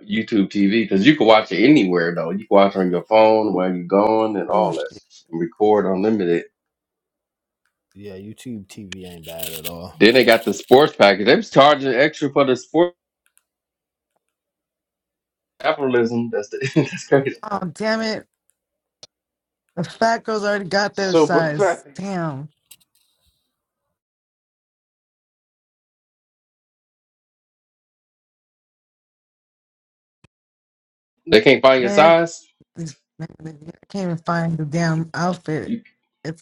YouTube TV because you can watch it anywhere though. You can watch on your phone while you're going and Oh all that, shit. and record unlimited. Yeah, YouTube TV ain't bad at all. Then they got the sports package. They was charging extra for the sports capitalism. That's the, that's crazy. Oh damn it! The fat girls already got their Super size. Facts. Damn, They can't find your man, size. this, man I can't even find the damn outfit. It's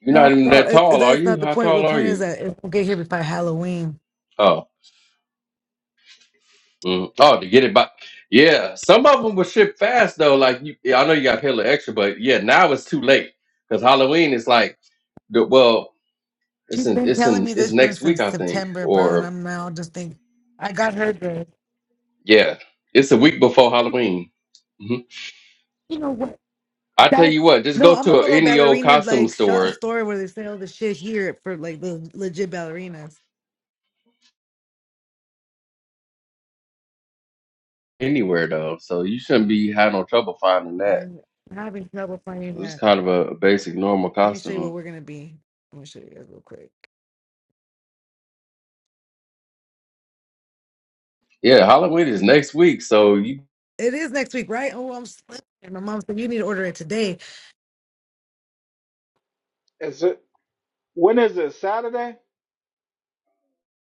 You're not no, even no, that it, tall, are that's not you? the How point. tall The are point is you? that it will get here before Halloween. Oh, mm. oh, to get it by. Yeah, some of them will ship fast though. Like you, yeah, I know you got hella extra, but yeah, now it's too late because Halloween is like the well, it's She's in been it's telling in me it's this next since week I think, September, bro, and or I'm now just think I got her dress. yeah, it's a week before Halloween. hmm You know what? I tell That's you what, just no, go I'm gonna to go to a any old ballerina costume like shop store store where they sell the shit here for like the legit ballerinas. anywhere though, so you shouldn't be having no trouble finding that. Man, I'm having trouble finding This is that. kind of a a basic normal Let me show you what costume. we're gonna be. Let me show you guys real quick. Yeah, Halloween is next week, so you It is next week, right? Oh, I'm slipping. My mom said you need to order it today. Is it when is it Saturday?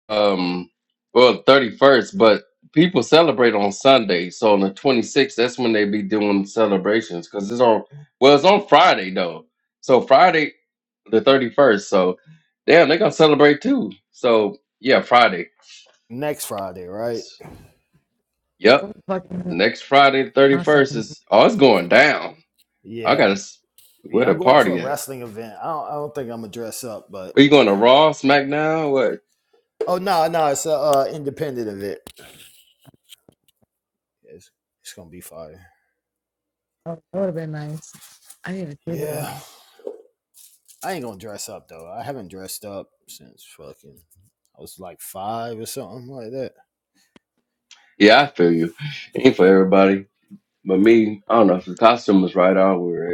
um well 31st but people celebrate on sunday so on the 26th that's when they be doing celebrations because it's on well it's on friday though so friday the 31st so damn they gonna celebrate too so yeah friday Next Friday, right? yep Fucking, next friday the not 31st fucking. is oh it's going down i Yeah. gotta s- where Yeah, the I'm going to a party at wrestling event. I don't I don't think I'm gonna dress up, but are you going to raw smackdown what oh no, no, it's a uh, independent event. Yeah, It's, it's gonna be fire. Oh, that would have been nice. I need to do that. Yeah. I ain't gonna dress up though. I haven't dressed up since fucking I was like five or something like that. yeah i feel you ain't for everybody but me i don't know if the costume was right on wear it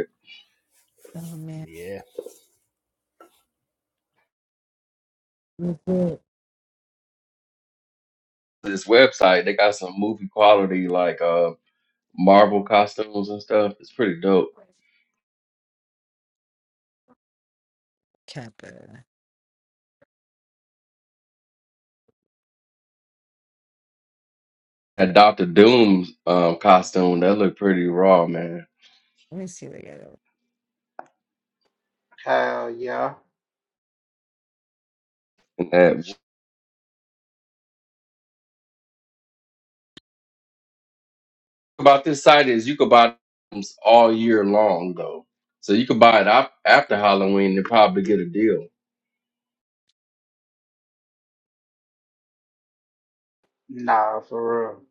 Oh man, Yeah. legit this website. They got some movie quality like uh Marvel costumes and stuff. It's pretty dope. Kappa. That Doctor Doom's um costume that looked pretty raw, man. Let me see what I got. Hell yeah, And that about this site is you could buy them all year long though, so you could buy it up after Halloween and probably get a deal. nah, for real.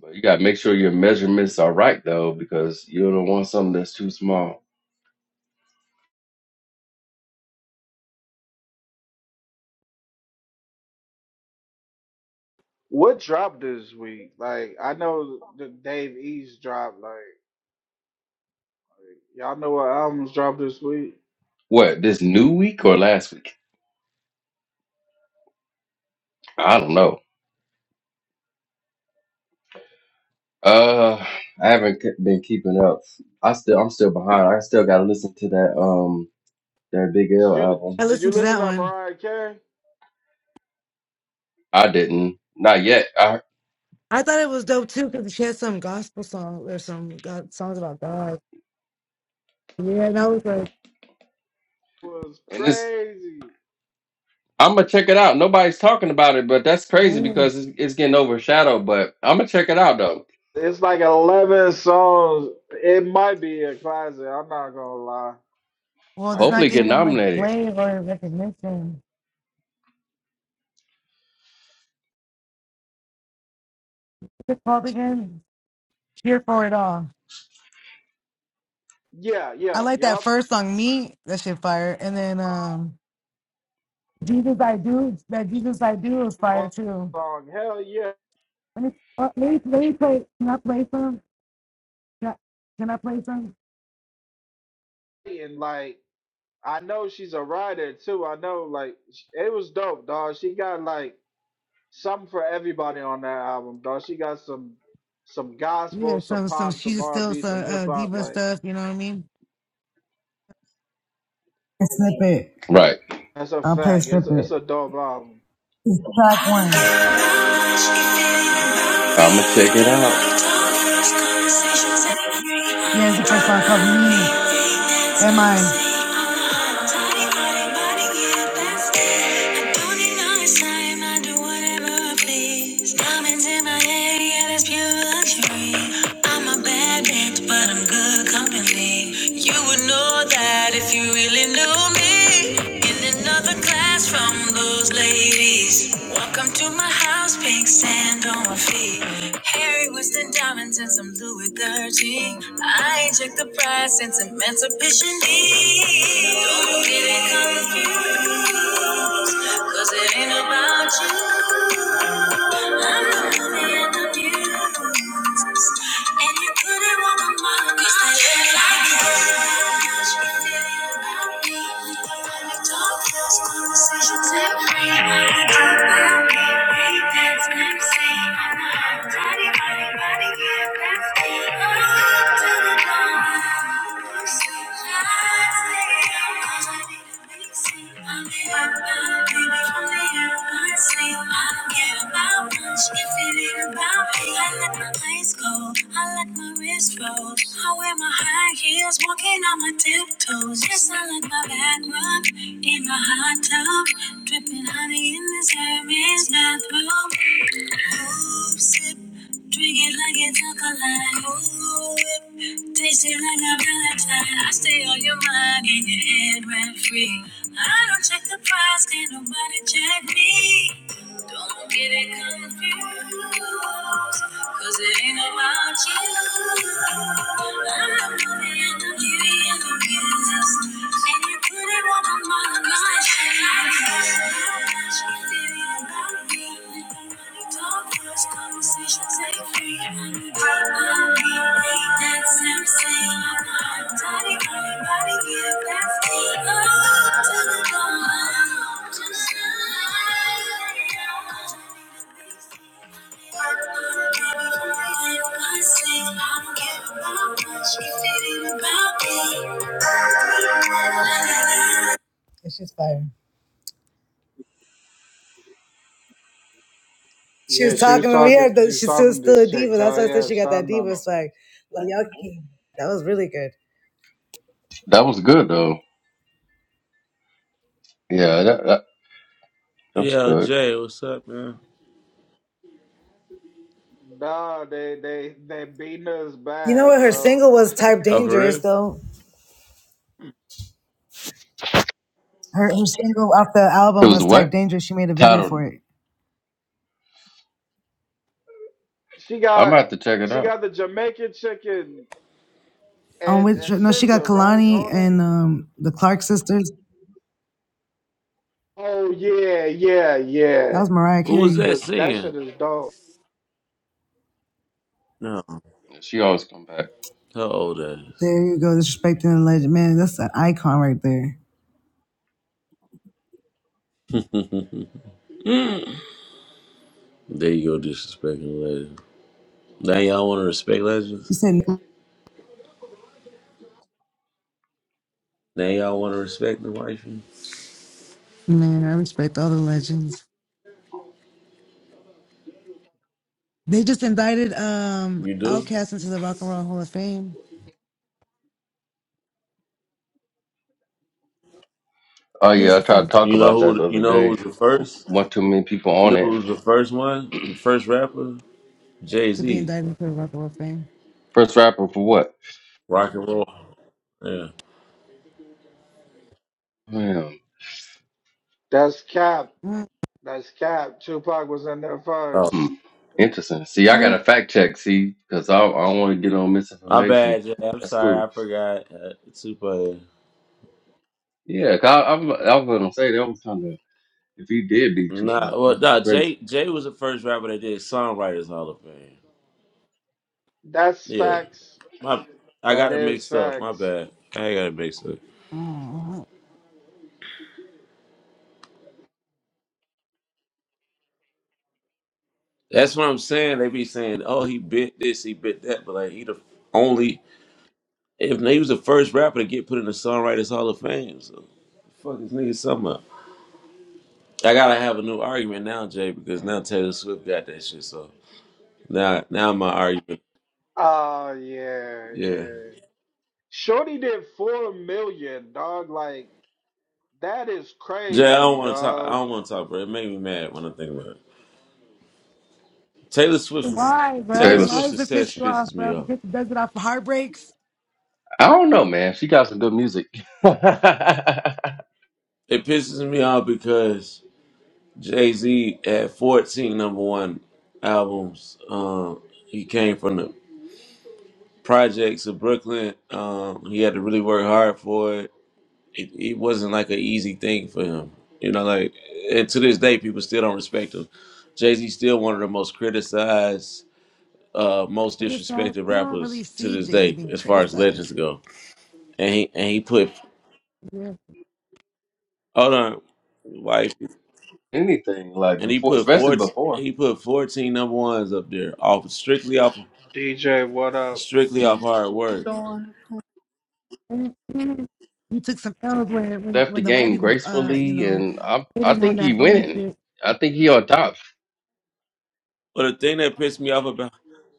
But you gotta make sure your measurements are right though, because you don't want something that's too small. What dropped this week? Like I know the Dave East dropped. Like y'all know what albums dropped this week? What this new week or last week? I don't know. Uh, I haven't ke- been keeping up. I still, I'm still behind. I still got to listen to that um that Big Did L you album. I did you listened to listen that to one. Mariah Carey? I didn't, not yet. I I thought it was dope too because she had some gospel song or some God, songs about God. Yeah, that was like, It was and this, crazy. I'm gonna check it out. Nobody's talking about it, but that's crazy dang. because it's, it's getting overshadowed. But I'm gonna check it out though. It's like eleven songs. It might be a classic. I'm not gonna lie. well, it's not Like Hopefully, get getting that much nominated. play or recognition. What's it called again? Cheer for it all. yeah, I yeah, like that yep. first song, Me. That shit fire. And then um, Jesus I Do. That Jesus I Do was fire on too. the song, hell yeah, Let me, uh, let me, let me play. Can I play some? Can I, can I play some? and like I know she's a writer too. I know like sh- it was dope, dog. She got like something for everybody on that album, dog. She got some some gospel, Yeah, some some some pop, some she's R and still B, some some hip uh, hop. diva Like stuff. You know what I mean? A snippet. Right. that's a I'll play a fact. It's snippet. it's a dope album. It's track one. I'm gonna check it out. Yeah, it's the first song called Me. Am I? Diamonds in my head, yeah, really energy. I inject the pride, sense emancipation emancipation. Don't get it confused, cause it ain't about you. I'm the money and the views. And you couldn't want a mama, cause they ain't like you. Conversations every night. That's I wear my high heels, walking on my tiptoes. Yes, I like my back rub in my hot tub, dripping honey in this Hermes bathrobe. Oops sip, drink it like it's alkaline. Ooh, whip, taste it like a Valentine. I stay on your mind and your head rent free. I don't check the price, can't nobody check me. Don't get it confused, cause it ain't about you. I'm the movie and the beauty and the music. And you put it on my mind, 'cause they say I'm it's just fire. She Yeah, was she was talking to me. Yeah, talking. She the- was she's still, talking to still a these chicks. diva. That's Hell why I said yeah, she got that standing on diva them. swag. Like, y'all, keep- that was really good. That was good though. Yeah, that that, that was Yo, good. Jay, what's up, man? Nah, they they they beating us You know bad, what? Her bro. single was "Type Oh, for Dangerous," real? though. Her, her single off the It album was was "Type what Dangerous." She made a video titled? for it. She I'm got gonna have to check it she out. got the Jamaican chicken. On and which and no, she got Scissor right Kalani on it. and um, the Clark sisters. Oh yeah, yeah, That yeah. was Mariah Who was Carey. that The that singing? shit is dope. No. She always come back. How old that is? There you go, disrespecting the legend, man. That's an icon right there. There you go, disrespecting legends. Now y'all want to respect legends? You said Now y'all want to respect the wife? Man, I respect all the legends. They just indicted um You do? Outkast into the Rock and Roll Hall of Fame. Oh yeah, I tried to talk You know about that who? the You other know who day. was the first? One too many people You on know it. who was the first one? The first rapper? Jay Z. First rapper for what? Rock and roll. Yeah. Man, That's cap. That's cap. Tupac was in there Oh, first. hmm. interesting. See, I got a fact check. See, because I, I don't want to get on my misinformation. bad, Jay. I'm That's sorry. I cool. forgot. Uh, super. Yeah, 'cause I, I'm I was gonna say that was kind of if he did beat Nah, Tupac, well, that's nah. crazy. Jay Jay was the first rapper that did songwriters Hall of Fame. That's Yeah. facts. My, I That got it is mixed up. My facts. bad. I got it mixed up. That's what I'm saying. They be saying, "Oh, he bit this, he bit that," but like he the only if he was the first rapper to get put in the Songwriters Hall of Fame. So fuck this nigga something up. I gotta have a new argument now, Jay, because now Taylor Swift got that shit. So now, now my argument, Oh yeah, yeah. yeah. Shorty did four million, dog. Like that is Jay, I crazy, don't want to talk. I dog. don't want to talk, bro. It made me mad when I think about it. Taylor Swift's Why, Taylor bro? Taylor, Why Swift's Sw- does it piss success you off, pisses bro? me off. Because it does it off for heartbreaks. I don't know, man. She got some good music. It pisses me off because Jay Z had 14 number one albums. Um, he came from the projects of Brooklyn. Um, he had to really work hard for it. it. It wasn't like an easy thing for him. You know, like, and to this day, people still don't respect him. Jay Z still one of the most criticized, uh, most It just disrespected I don't really rappers to see this Jay Z day, being as far as criticized. legends go. And he and he put Yeah. hold on, wife, Anything like and he before, put especially 14, before he put 14 number ones up there, off strictly off DJ, what up? strictly off hard work. Dawn. And- and You took some L's when, when left the when the white game people uh, you gracefully, know, and I I hitting on think he that own winning. shit. I think he on top. But the thing that pissed me off about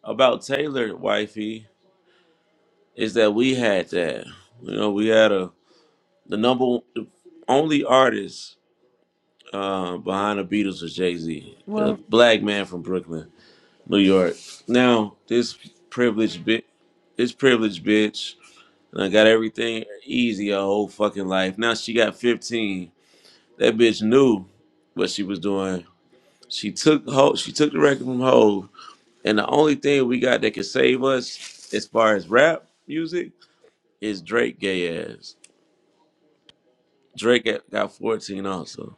about Taylor, wifey, is that we had that. You know, we had a the number one- the only artist uh, behind the Beatles was Jay Z, a Well black man from Brooklyn, New York. Now this privileged bit, this privileged bitch, and I got everything easy her whole fucking life. Now she got 15. That bitch knew what she was doing. She took Ho, she took the record from Hov And the only thing we got that can save us as far as rap music is Drake gay ass. Drake got got 14 also.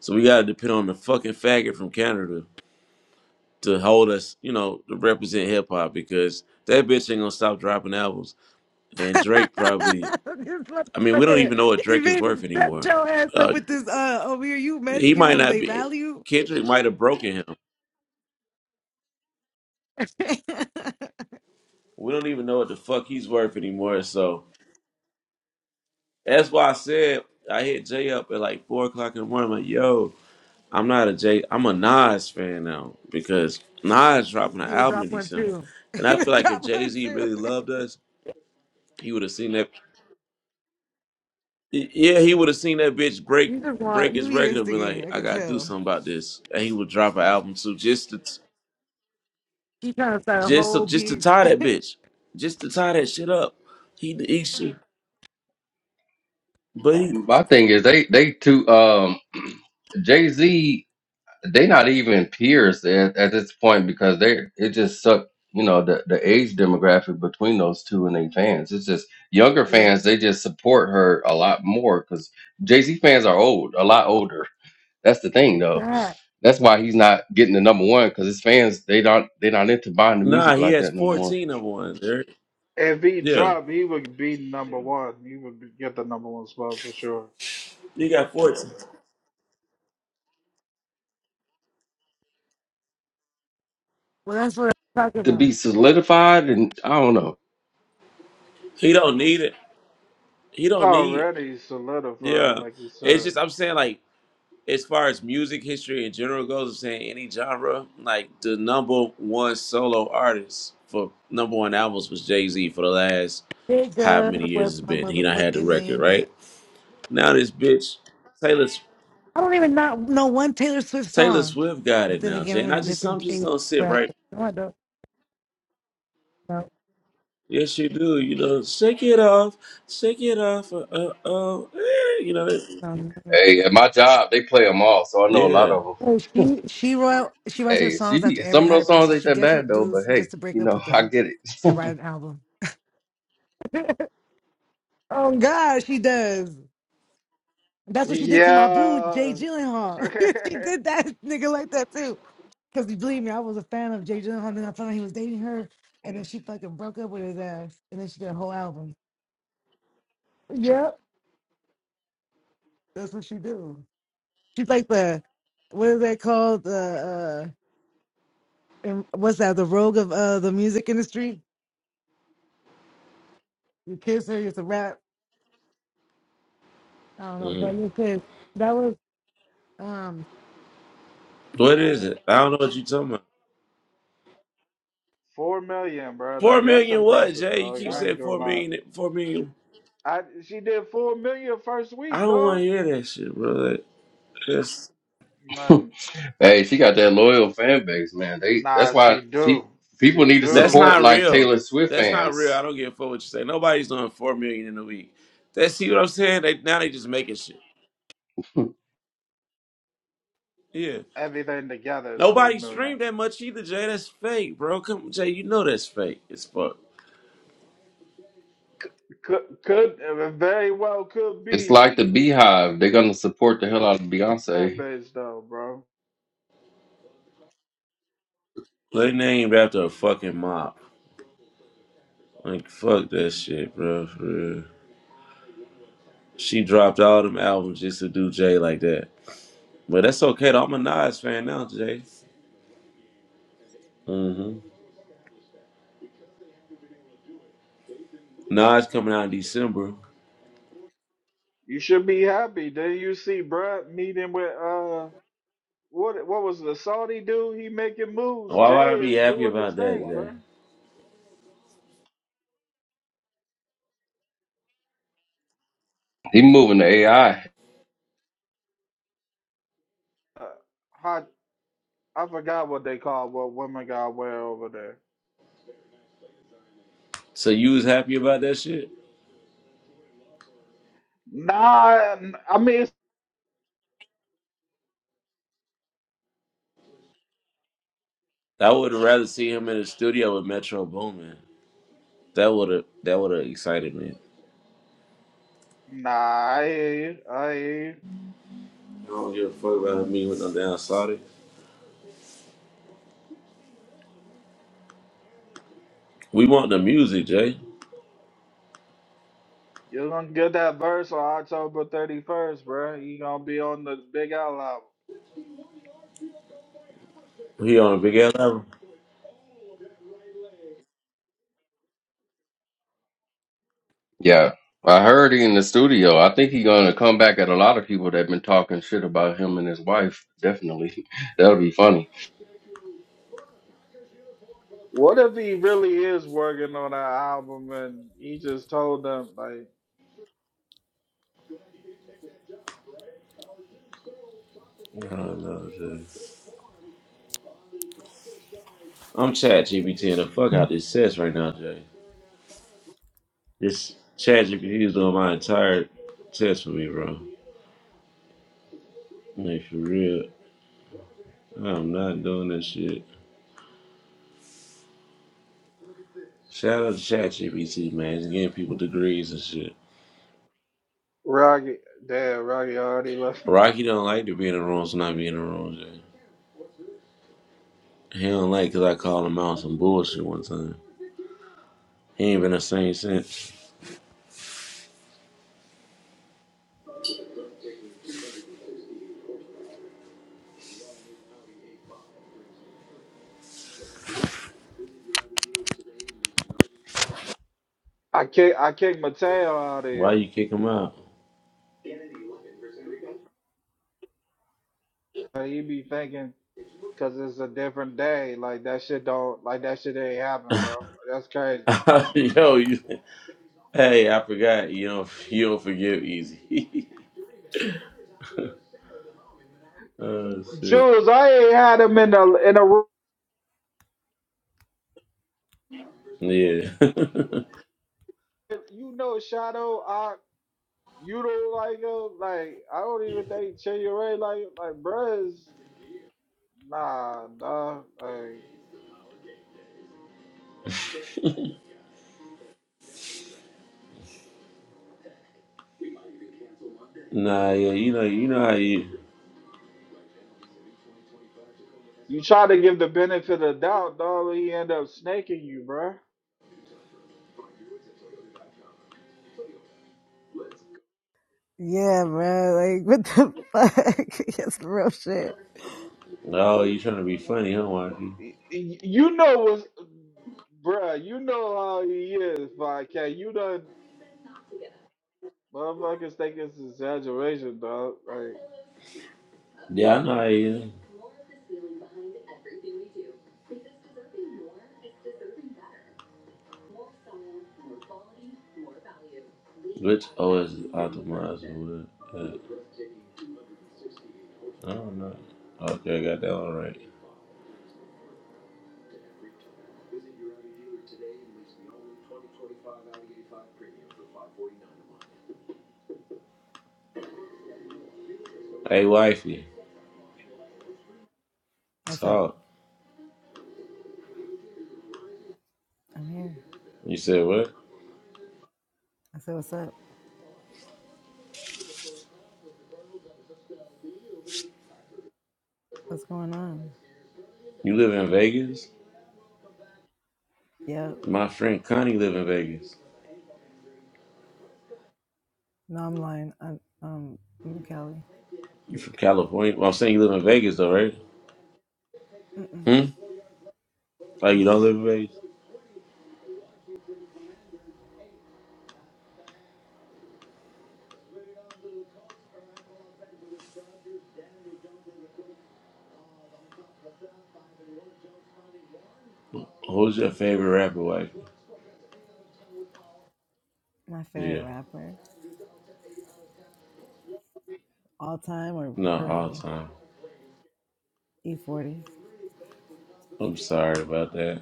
So we gotta depend on the fucking faggot from Canada to hold us, you know, to represent hip hop because that bitch ain't gonna stop dropping albums. And Drake probably, this I mean, we don't even motherfucker know what he Drake is eventually worth set anymore. your ass up Uh, with this uh over here, you imagine he giving might them not their be, value. Kendrick might have broken him. We don't even know what the fuck he's worth anymore. So that's why I said I hit Jay up at like four o'clock in the morning. I'm like, yo, I'm not a J. I'm a Nas fan now because Nas dropping an He would album in drop one December, too. and He I would feel like if drop Jay one Z too. really loved us, he would have seen that. y- Yeah, he would have seen that bitch break You just break want you his be record and been like, instigating. I "I could gotta do tell. something about this," and he would drop an album too, just to He trying to start a just to, whole just to big tie that bitch, just to tie that shit up. He he should, but he, My thing is they they too um Jay Z they not even peers at, at this point because they it just sucked you know the the age demographic between those two and their fans. It's just younger yeah. fans they just support her a lot more because Jay Z fans are old, a lot older. That's the thing though. That. That's why he's not getting the number one because his fans they don't they not into buying the nah, music he like has that no more. 14 number ones. Eric. If he Yeah, dropped, he would be number one. He would be, get the number one spot for sure. he got 14. Well, that's what I'm talking To about. be solidified and I don't know. He don't need it. He don't need. Already solidified, Yeah, like you it's said. just I'm saying like. as far as music history in general goes, I'm saying any genre, like the number one solo artist for number one albums was Jay Z for the last how Nigga, many years what's it's my been. He done had the motherfucking record, name? I right? Now this bitch, Taylor I don't even not know one Taylor Swift Taylor song. Swift got But it then now, again, Jay. I'm And in I a just some different just age don't sit right. bracket. No, I don't. No, Yes, you do. You know, shake it off, shake it off. Uh, uh, uh, eh, you know, that- no. no. no. Hey, at my job they play them all, so I know a lot yeah. of 'em. Oh, she she wrote she writes her Hey, she songs after be some every of those heartbreak, songs so ain't she that gets bad with though, but dudes hey, just to break you up know, with I them get and write it. an album. Oh God, she does. That's what she did to my boo, Jay Yeah. Gyllenhaal. she did that nigga like that too. Because believe me, I was a fan of Jay Gyllenhaal. Then I found out he was dating her, and then she fucking broke up with his ass, and then she did a whole album. Yep, that's what she do. She's like the what is that called? The uh, in- what's that? The rogue of uh the music industry. You kiss her, it's a rap. I don't know, but Mm. listen, that was um What is it? I don't know what you talking about. Four million, bro. Four Like that's million what, impressive, Jay? You dog. keep I ain't saying gonna four lie. million, four million. I she did four million first I week, don't want dog. to hear that shit, bro. Like, That's Like, hey, she got that loyal fan base, man. They that's nah, why she pe- do. people She need to that's do. support not like real. Taylor Swift That's not real. I fans. don't give a fuck what you say. Nobody's doing four million in a week. That's see what I'm saying? They now they just making shit. Yeah. Everything together is four Nobody million. streamed that much either, Jay. That's fake, bro. Come Jay, you know that's fake as fuck. C- Could could uh, very well could It's be. like the She Beehive. They're gonna support the hell out of fan Beyonce. base though, bro. They named after a fucking mop. Like fuck that shit, bro. For real. She dropped all them albums just to do Jay like that. But that's okay though. I'm a Nas fan now, Jay. Mm-hmm. Nas coming out in December. You should be happy. Then you see Brad meeting with uh what what was the Saudi dude? He making moves. Why Jay would I be is happy doing his about that, thing, Jay? bro. He moving to AI. Uh, I forgot what they call what women got wear over there. So you was happy about that shit? Nah, I mean, it's- I would have rather see him in the studio with Metro Boomin. That would have that would have excited me. nah, I hear you. I hear you. I don't give a fuck about me with no damn Saudi. We want the music, Jay. You're gonna get that verse on October 31st, bro. You gonna be on the Big L album. He on a big ass album. Yeah. I heard he in the studio. I think he gonna come back at a lot of people that been talking shit about him and his wife. Definitely. That'll be funny. What if he really is working on that album and he just told them like, I don't know, Jay. I'm Chad GPT and the fuck out this test right now, Jay. This Chad GPT is doing my entire test for me, bro. Like for real. I'm not doing that shit. Shout out to Chat GPT, man. It's getting people degrees and shit. Rocky, damn, Rocky already left. Rocky don't like to be in the rooms and not be in the rooms. yeah. He don't like 'cause I called him out some bullshit one time. He ain't been the same since. I kick, I kick Mateo out of Why here. you kick him out? Like, He be thinking, cause it's a different day. Like that shit don't, like that shit ain't happen, bro. That's crazy. Yo, you, hey, I forgot. You don't, you don't forgive easy. oh shit. Jules, I ain't had him in a in a room. Yeah. You know Shadow, I you don't like him. Like I don't even think Cherry Ray like him. like bruh is nah dog. Like nah, yeah. You know, you know how you. you try to give the benefit of the doubt, dog. He end up snaking you, bruh. Yeah, bro. Like, what the fuck? That's real shit. Oh, you trying to be funny, huh, Rocky? Y- y- You know what's bruh. You know how he is, Like can you done motherfuckers think it's exaggeration, dog? Like Yeah, I know how you. is. Which OS is optimized for I don't know. Okay, I got that one right. Hey, wifey, What's up? talk. I'm here. You said what? I said, what's up? You live in Vegas? My friend Connie live in Vegas. You from California? Well, I'm saying you live in Vegas though, right? Hmm? Like you don't live in Vegas? Who's your favorite rapper, wifey? Yeah. Not all time. I'm sorry about that.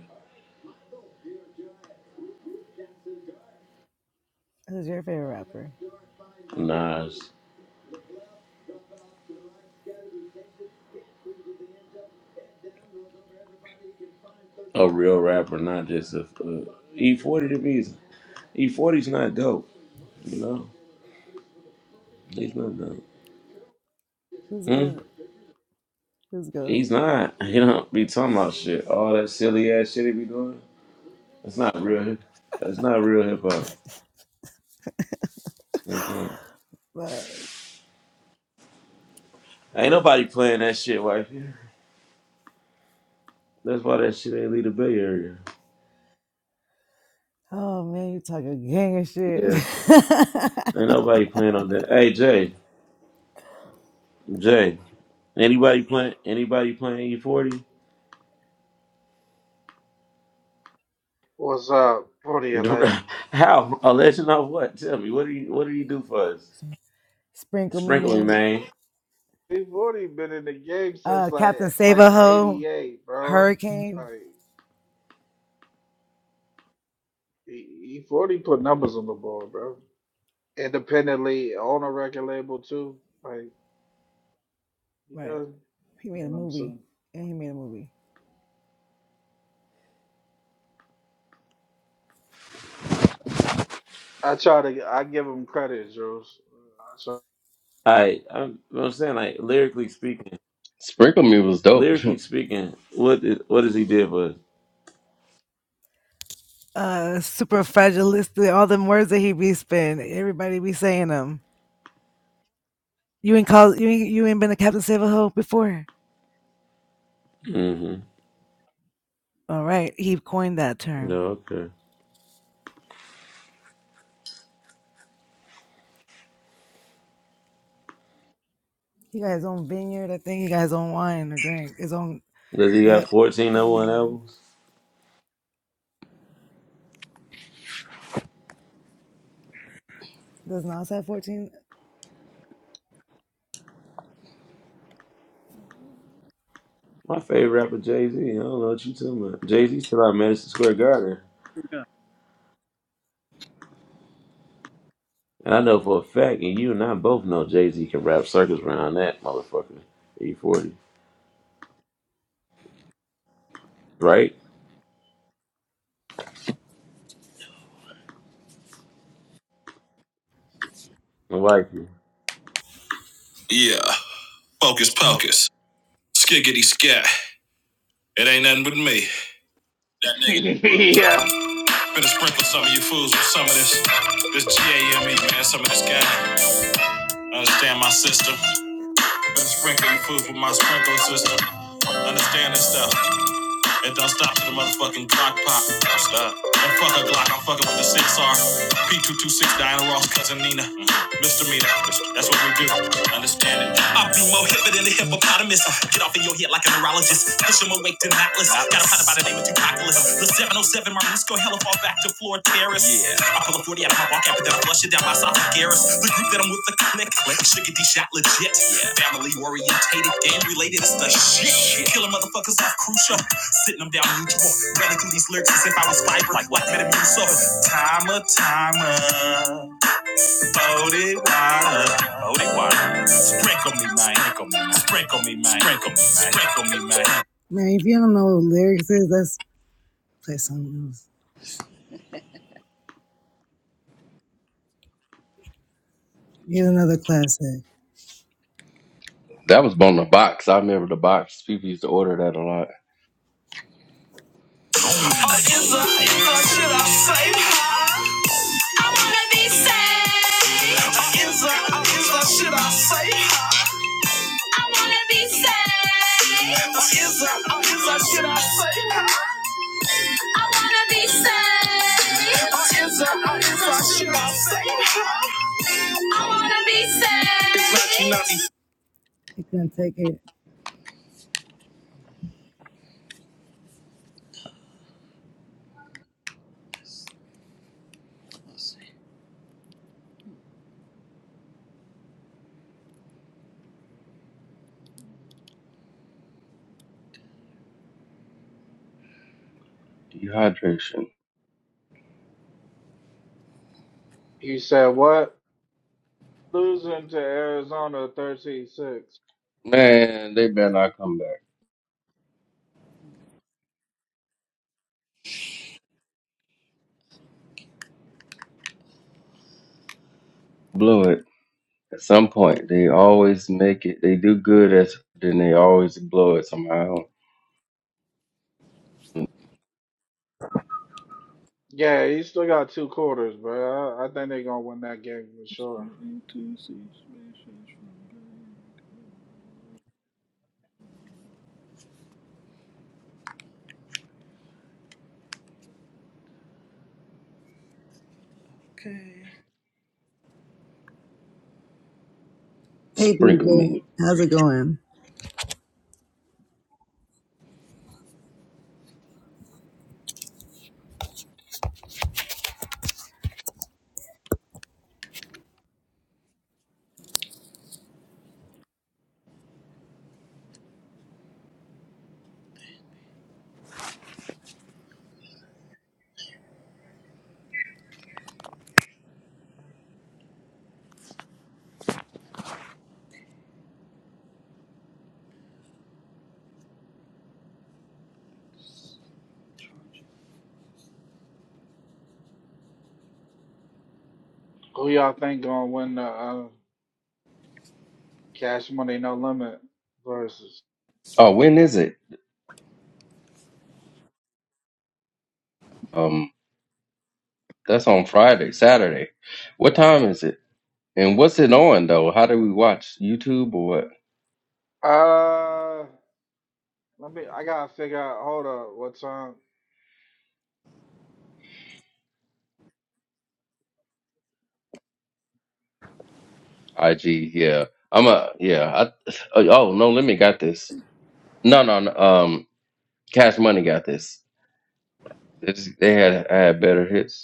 Nas, a real rapper, not just a. Uh, E40 to me is E40's not dope. You know, he's not dope. Hmm? He's not. He don't be talking about shit. All that silly ass shit he be doing. That's not real. hip- That's not real hip hop. That's not. But Ain't nobody playing that shit, wifey. That's why that shit ain't leave the Bay Area. oh man, you talking gang and shit. Yeah. Ain't nobody playing on that. Hey Jay, Jay. Anybody playing? Anybody playing E forty? what's up, Brody a legend, How a legend of what? Tell me. What do you What do you do for us? Sprinkle me, man. Big Forty been in the game since like like '88, bro. Like E Forty put numbers on the board, bro. Independently on a record label too. Like he does. he You made know a what I'm movie. saying? Yeah, he made a movie. I try to. I give him credit, Jules. I I I'm, you know what I'm saying like lyrically speaking. Sprinkle Me was dope. Lyrically speaking, what is, what does he did for us? Uh super fragilistic, all them words that he be spinning. Everybody be saying them. You ain't called you ain't you ain't been a Captain Save a Hoe before. hmm All right. He coined that term. No, okay. He got his own vineyard, I think he got his own wine or drink. His own Does he got yep, 14 his number own one wine. albums? Does Nas have fourteen? My favorite rapper, Jay Z. I don't know what you talking about. Jay Z still out Madison Square Garden. Here And I know for a fact, and you and I both know Jay Z can rap circles around that motherfucker. E40. Right? I like you. Yeah. Focus pocus. Skiggity scat. It ain't nothing with me. That try- nigga. yeah. Finna sprinkle some of you fools with some of this this GAME, man, some of this guy. Understand my system. Finna sprinkle you fools with my sprinkle system. Understand this stuff. It don't stop to the motherfucking Glock pop. Don't stop. And fuck a Glock, I'm fucking with the 6R. P226 Diana Ross, cousin Nina. Misdemeanor. That's what we do. Understand it. I be more hipper than the hippopotamus. Uh, Get off in your head like a neurologist. Push him awake to Atlas. Got a pot about the name of Tupaculus. The 707 Marisco, hella far Back to floor terrace. Yeah. I pull a 40 out of my walk after that I flush it down my esophagus. The group that I'm with, the click. Like sugar D shot legit. Yeah. Family orientated, game related, it's the shit. shit. Killing motherfuckers off crucial. Sitting them down mutual. Running through these lyrics as if I was fiber. Like what Metamucil. Timer, timer. Body water. Body water. Sprinkle me, man. Sprinkle me, man. Sprinkle me, man. Sprinkle me, man. sprinkle me, Man, Man, if you don't know what lyrics is, let's play something else. Here's another classic. That was on the box. I remember the box. People used to order that a lot. Dehydration. He said what? Losing to Arizona thirteen six. Man, they better not come back. Blow it. At some point, they always make it. They do good as then they always blow it somehow. Yeah, he still got two quarters, bro. I, I think they're gonna win that game for sure. Sprinkle me. Who y'all think gonna win the? uh, Cash Money No Limit versus. Oh, when is it? Um, that's on Friday, Saturday. What time is it? And what's it on though? How do we watch YouTube or what? Uh, let me. I gotta figure out. Hold up, what time? IG. Yeah, I'm a yeah. I, oh oh, no, let me got this. No, no, no. Um, Cash Money got this. It's, they had I had better hits.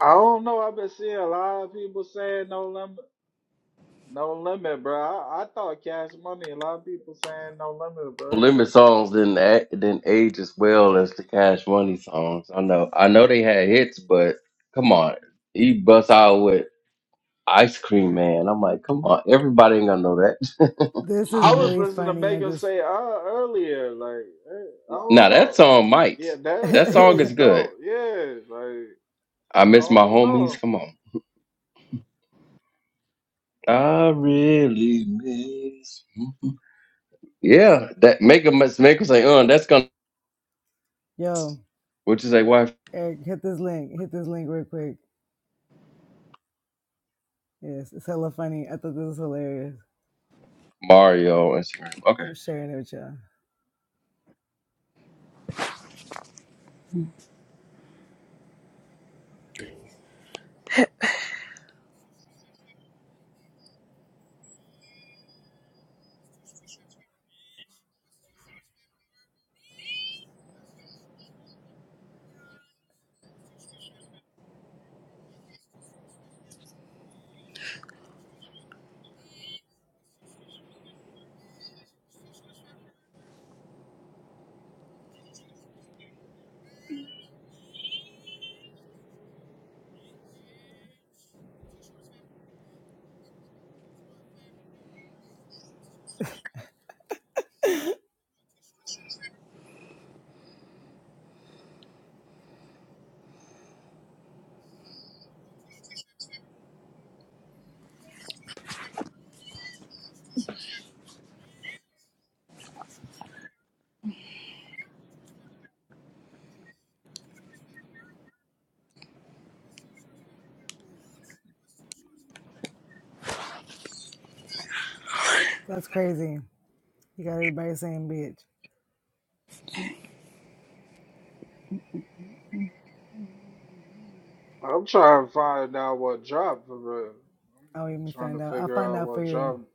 I don't know. I've been seeing a lot of people saying No Limit, No Limit, bro. I, I thought Cash Money. A lot of people saying No Limit, bro. Limit songs didn't a- didn't age as well as the Cash Money songs. I know, I know they had hits, but come on, he busts out with Ice Cream Man. I'm like, come on, everybody ain't gonna know that. This is I was really listening to funny. I Megan just, say uh earlier, like eh, I now don't that know. song might. Yeah, that That it song was is good. dope. Yeah, like I I miss my don't homies. know. Come on, I really miss. yeah, that make him make him say, "Uh, that's gonna," which is a wife Mario on Instagram. Okay, I'm trying to find out what dropped for real. I'm trying to figure out what dropped.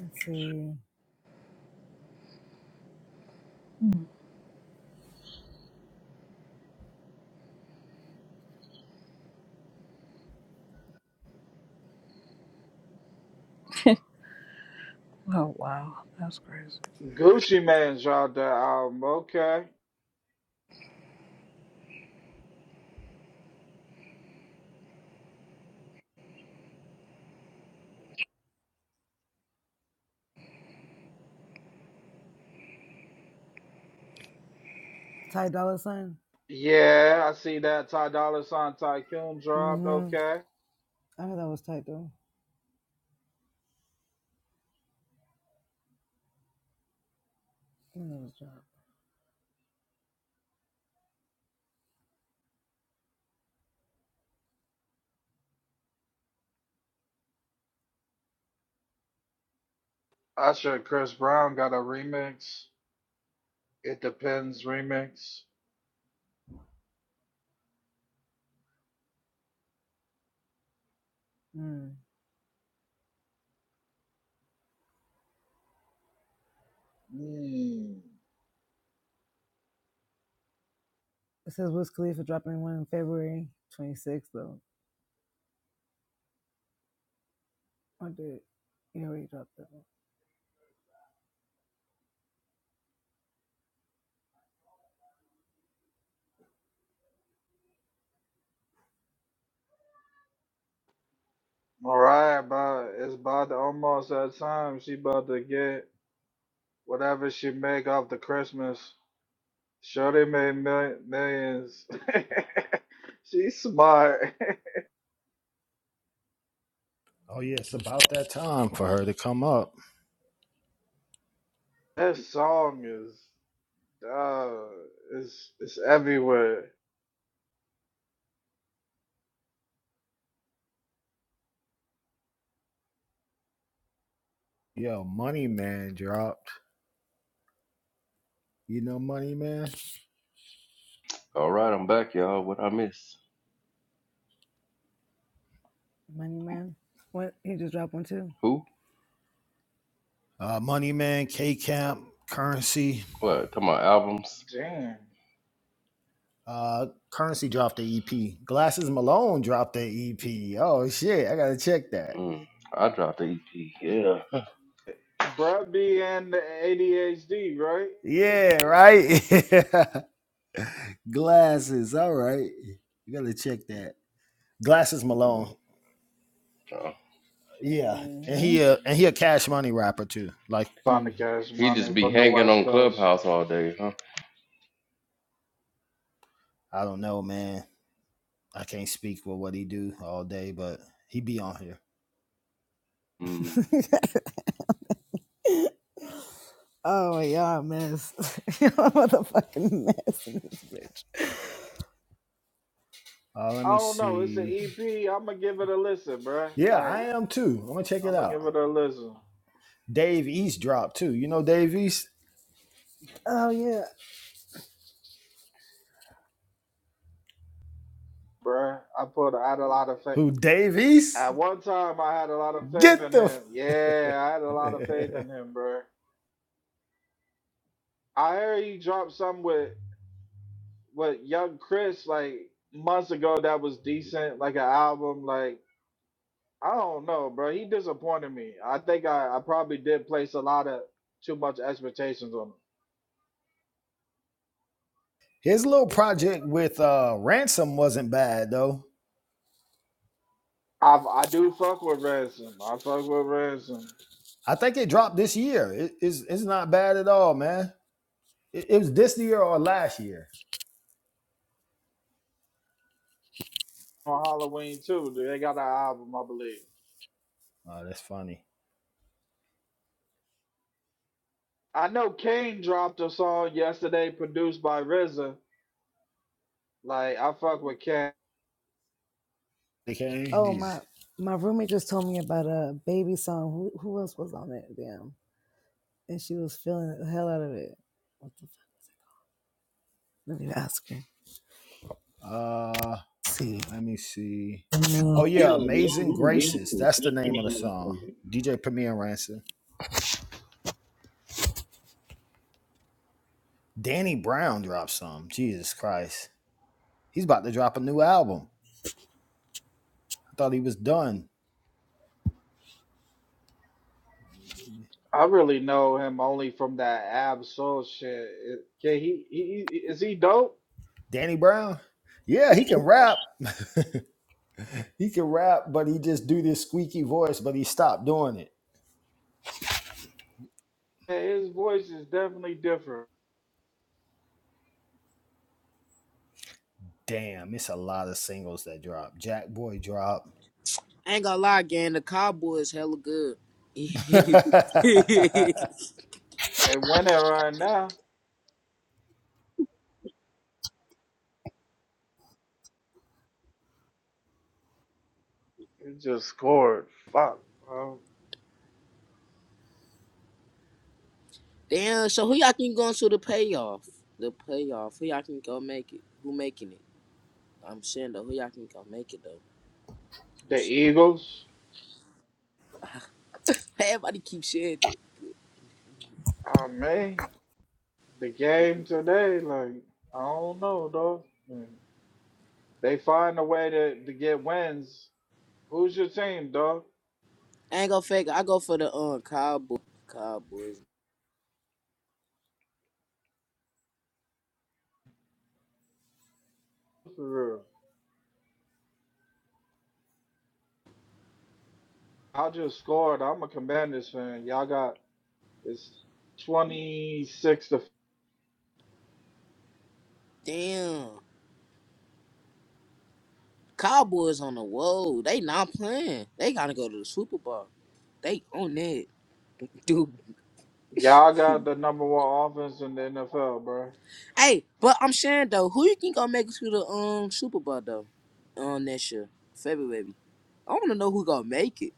let's see. Okay. Oh wow, that's crazy. Gucci Mane dropped that album. Okay. Ty Dolla Sign? Yeah, I see that. Ty Dolla Sign Tycoon dropped. Mm-hmm. Okay. I heard that was Ty though. That was, Usher and Chris Brown got a remix. It Depends remix. Mm. you know, All right, but it's about to almost that time. She about to get whatever she make off the Christmas. Sure, they made mil- millions. She's smart. Oh yeah, it's about that time for her to come up. that song is, uh, it's, it's everywhere. Yo, money man drop. You know Money Man? all right, I'm back, y'all. What I miss? Money Man. What? He just dropped one too. Who? Uh Money Man, K Camp, Currency. What? Come on, albums. Damn. Uh Currency dropped the EP. Glasses Malone dropped the EP. Oh shit, I gotta check that. Mm, I dropped the EP. Yeah. Brad B and the ADHD, right? Yeah, right. Glasses. All right. You gotta check that. Glasses Malone. Uh, Yeah. And Mm-hmm. he uh and he a cash money rapper too. Like Sonic he Cash he Money just be from the hanging West on Coast. Clubhouse all day, huh? I don't know, man. I can't speak for what he do all day, but he be on here. Mm, Oh, y'all a mess. y'all a motherfucking mess. Uh let I me don't know. It's an see. EP. I'm gonna give it a listen, bruh. Yeah, Like I am too. I'm gonna check it I'm gonna give out. it a listen, Dave East dropped too. You know Dave East? Oh yeah. bruh. I put I had a lot of faith. Who Dave East? At one time, I had a lot of faith Get in the him. Yeah, I had a lot of faith in him, bruh. I heard he dropped some with with Young Chris like months ago. That was decent, like an album, like. I don't know, bro. He disappointed me. I think I, I probably did place a lot of too much expectations on his little him. project with uh Ransom wasn't bad though. I I do fuck with Ransom. I fuck with Ransom I think it dropped this year. It- it's it's not bad at all, man. It, it was this year or last year. on Halloween too. Dude. They got an album, I believe. Oh, that's funny. I know Kane dropped a song yesterday produced by RZA. Like I fuck with Kane. Okay, Oh my these my roommate just told me about a baby song. Who who else was on it? Damn. And she was feeling the hell out of it. What the fuck? Let me ask her. uh Let's see. let me see. No. Oh yeah, Amazing Graces. That's the name of the song. DJ Premier and Ransom. Danny Brown dropped some. Jesus Christ. He's about to drop a new album. I thought he was done. I really know him only from that Ab Soul shit. It- Can he, he he- is he dope? Danny Brown, yeah, he can rap. he can rap, but he just do this squeaky voice, but he stopped doing it. Yeah, His voice is definitely different. Damn, it's a lot of singles that drop. Jack Boy drop. I ain't gonna lie, gang. The Cowboys hella good. They winning right now. It just scored. Fuck. Um, Damn. So who y'all think going to the payoff? The payoff. Who y'all can go make it? Who making it? I'm saying though. Who y'all can go make it though? I'm the saying. Eagles. Hey, Everybody keep saying it. Oh man, the game today. Like I don't know, dog. I mean, they find a way to to get wins. Who's your team, dog? I ain't gonna fake. it. I go for the um Cowboys. Cowboys. For real. I just scored. I'm a Commanders fan. Y'all got it's 26 to. Damn. Cowboys on the road. They not playing. They gotta go to the Super Bowl. They on that. Dude, Y'all got the number one offense in the NFL, bro. Hey, but I'm saying though, who you think gonna make it to the um Super Bowl though? Um, next year, February. I wanna know who gonna make it.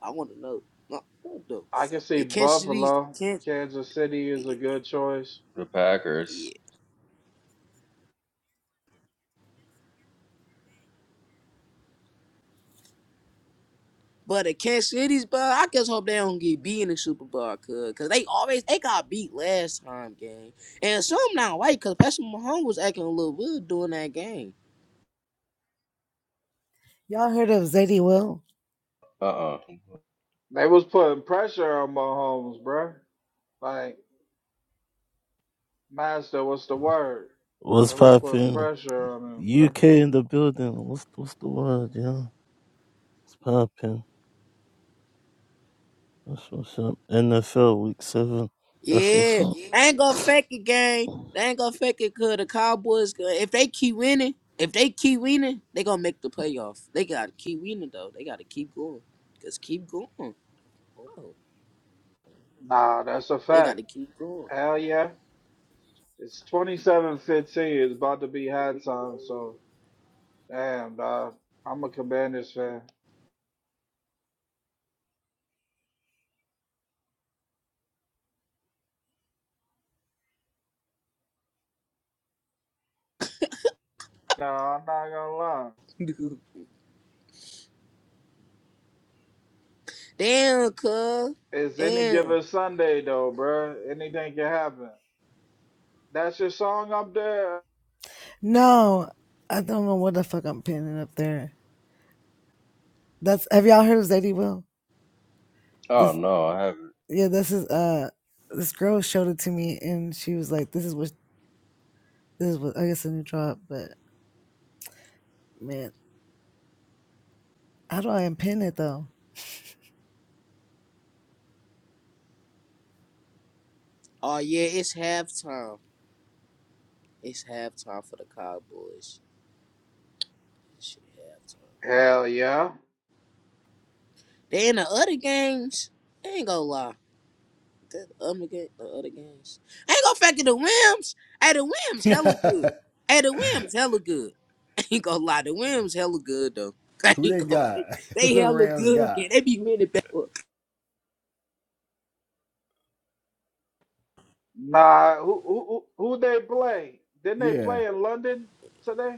I wanna know. No, what though? I can see The Kansas City's Buffalo. Kansas, Kansas City is a good choice. the Packers. yeah. But the Kansas City's, but I just hope they don't get beat in the Super Bowl, cause cause they always they got beat last time game, and some not white, cause Patrick Mahomes was acting a little weird during that game. Y'all heard of Zadie Will? Uh uh They was putting pressure on Mahomes, bro. Like Mazda was the word. What's I was putting poppin'? pressure on him, bro. UK in the building. What's what's the word, yeah? What's poppin'? That's what's up. NFL week seven. That's what's Yeah, up. I ain't gonna fake it, gang. They ain't gonna fake it, cause the Cowboys, uh, if they keep winning, if they keep winning, they gonna make the playoff. They gotta keep winning though. They gotta keep going, cause keep going, bro. Nah, that's a They fact. gotta keep going. Hell yeah. It's twenty seven fifteen. It's about to be high time, so damn dog. I'm a Commanders fan. No, I'm not gonna lie. Damn, cuz. It's any Damn. given Sunday though, bro. Anything can happen. That's your song up there? Oh no, I haven't. How do I impin it though? Oh yeah, it's halftime. It's halftime for the Cowboys. Shit, halftime. Hell yeah. They in the other games. I ain't gonna lie. That other game, the other games. I ain't gonna factor the whims. Hey, the whims hella good. Hey, the whims hella good. I ain't gonna lie, the whims hella good though. I Who ain't they gonna, got? fake- Who they the hella Rams good. got? Kid. They be winning back. Nah, who who who who they play? Didn't they Yeah. play in London today?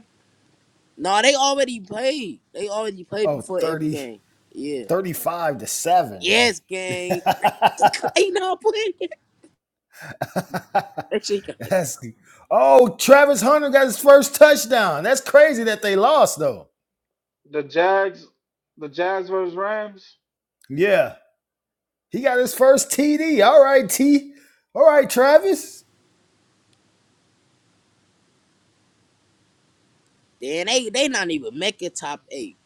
No, they already played. They already played Oh, before every 30 game. Yeah. 35 to Yes, gang. Like, 7. they not playing. That shit got to go. That's oh, Travis Hunter got his first touchdown. That's crazy that they lost though. The Jags the Jazz versus Rams. Yeah, he got his first TD. All right, T. All right, Travis. Then they they not even making top eight.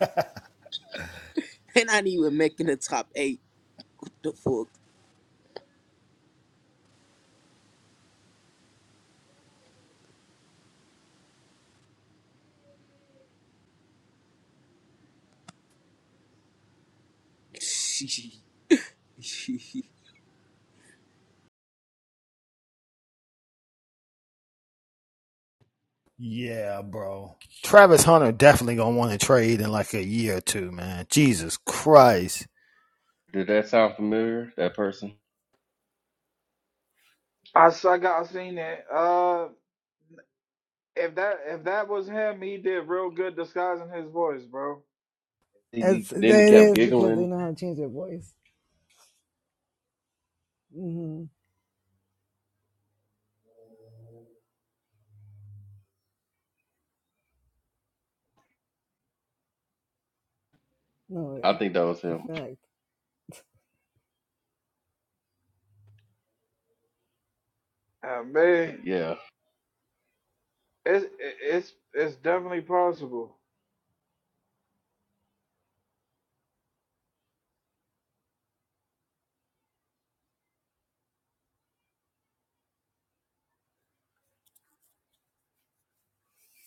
They not even making the top eight. What the fuck? Yeah, bro. Travis Hunter definitely gonna want to trade in like a year or two, man. Jesus Christ. Did that sound familiar? That person. I, s- I got I seen it. Uh, if that if that was him, he did real good disguising his voice, bro. He, he- It's it then he kept is because they giggling. know how to change their voice. Mm hmm I think that was him. Like Uh, man, Yeah. it's it's it's definitely possible.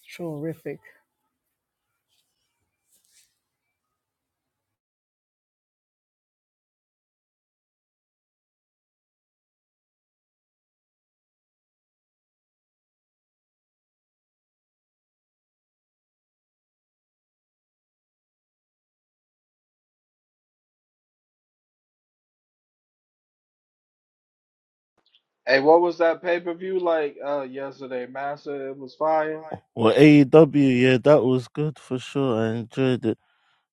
true riff. Hey, what was that pay per view like uh yesterday, Master? It was fire. Well, AEW, yeah, that was good for sure. I enjoyed it.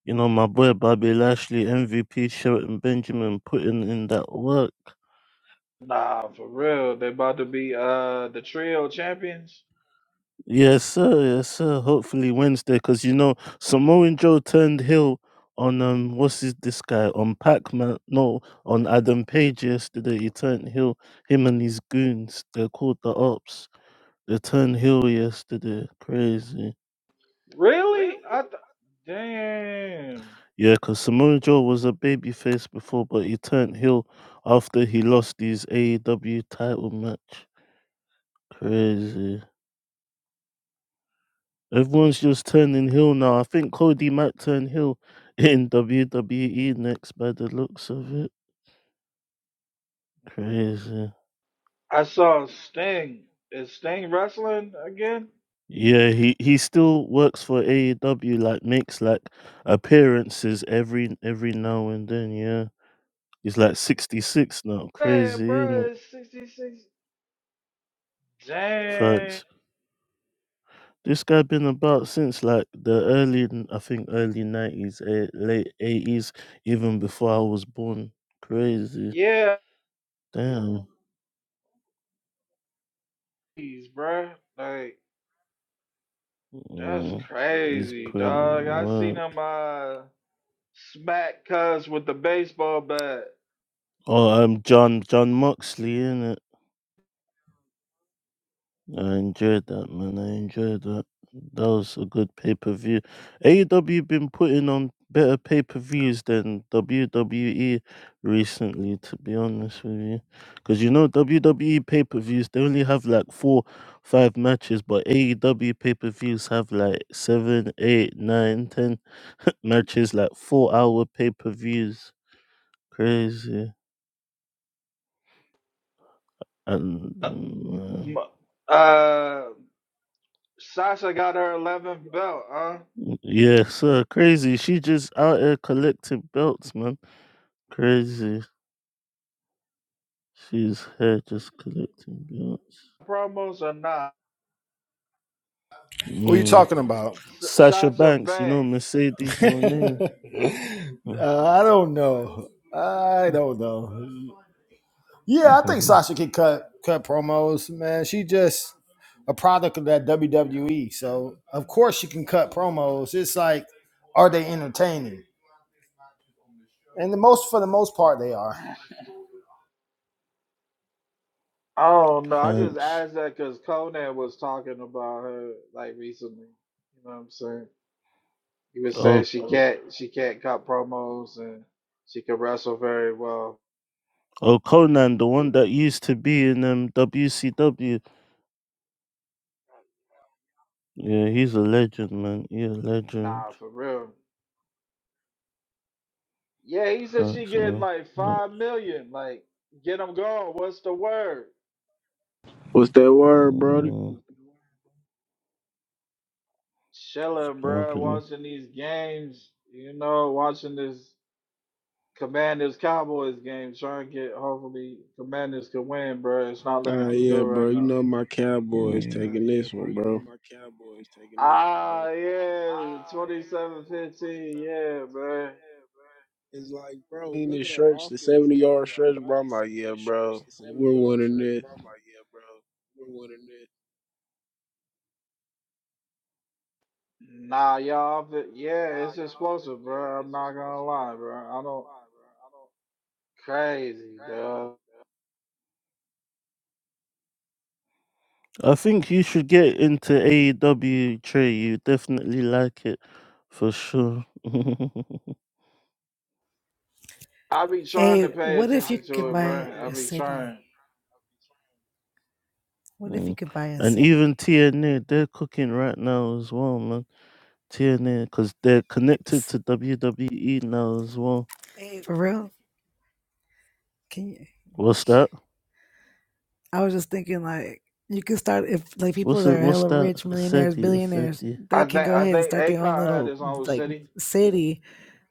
You know, my boy Bobby Lashley, MVP Sheraton Benjamin putting in that work. Nah, for real, they about to be uh the trio champions. Yes, sir. Yes, sir. Hopefully Wednesday, because you know Samoan Joe turned heel on um, what's his, this guy on Pac Man? No, on Adam Page yesterday. He turned heel. Him and his goons. They're called the Ops. They turned heel yesterday. Crazy. Really? I th- damn. Yeah, because Samoan Joe was a babyface before, but he turned heel after he lost his AEW title match. Crazy. Everyone's just turning heel now. I think Cody might turn heel in WWE next by the looks of it. Crazy. I saw Sting. Is Sting wrestling again? Yeah, he, he still works for AEW, like makes like appearances every every now and then, yeah. He's like sixty six now, Man, crazy, isn't bro, it? it's sixty six. Damn. Facts. This guy been about since like the early n- I think early nineties, eh, late eighties, even before I was born. Crazy. Yeah, Damn. Jeez, bruh. Like, that's Mm, he's crazy, putting dog. I seen work. him uh, smack Cuz with the baseball bat. Oh, I'm John John Moxley in it. I enjoyed that, man. I enjoyed that. That was a good pay per view. AEW been putting on better pay per views than WWE recently, to be honest with you. Because you know WWE pay per views they only have like four, five matches, but AEW pay per views have like seven, eight, nine, ten matches, like four hour pay per views. Crazy. And, um, M- Uh, Sasha got her 11th belt, huh? uh, yeah, so crazy. She just out here collecting belts, man. Crazy. She's here just collecting belts. Promos or not? Who are you Mm. talking about? S- Sasha Sasha Banks, you know Banks. Mercedes uh, Monet. Oh, I don't know. I don't know. Yeah, I think mhm. Sasha can cut cut promos, man. She just a product of that WWE. So of course she can cut promos. It's like, are they entertaining? And the most for the most part they are. I don't know. I just Thanks. asked that because Conan was talking about her like recently. You know what I'm saying? He was saying Oh, she can't she can't cut promos and she can wrestle very well. oh, Conan, the one that used to be in um, WCW. Yeah, he's a legend, man. He's a legend. Nah, for real. Yeah, he said she Thanks, getting man. like Thanks. five million. Like, get them going. What's the word? What's that word, Brody? Mm, Chilling, bro. okay. Watching these games. You know, watching this Commanders Cowboys game. Trying to get hopefully Commanders can win, bro. It's not looking Ah, too yeah, good right bro. You now, know though. my Cowboys Mm. taking this one, bro. Ah, yeah, twenty-seven fifteen, yeah, bro. In this stretch, the seventy yard stretch, bro. I'm like, yeah, bro. We're winning this. Nah, y'all, yeah, it's explosive, bro. I'm not gonna lie, bro. I don't crazy, dog. I think you should get into AEW Trey. You definitely like it for sure. I be trying Hey, to pay what if you attention to could it, buy bro. I a be city? trying. What if Mm. you could buy a and city? even TNA, they're cooking right now as well, man. TNA, because they're connected S- to WWE now as well. For real? Can you? What's that? I was just thinking like you could start if like people What's that it? are What's hella that? rich, millionaires, Seti, billionaires, Seti. I they think can go I ahead and think start their own Akon had little his own like city. city.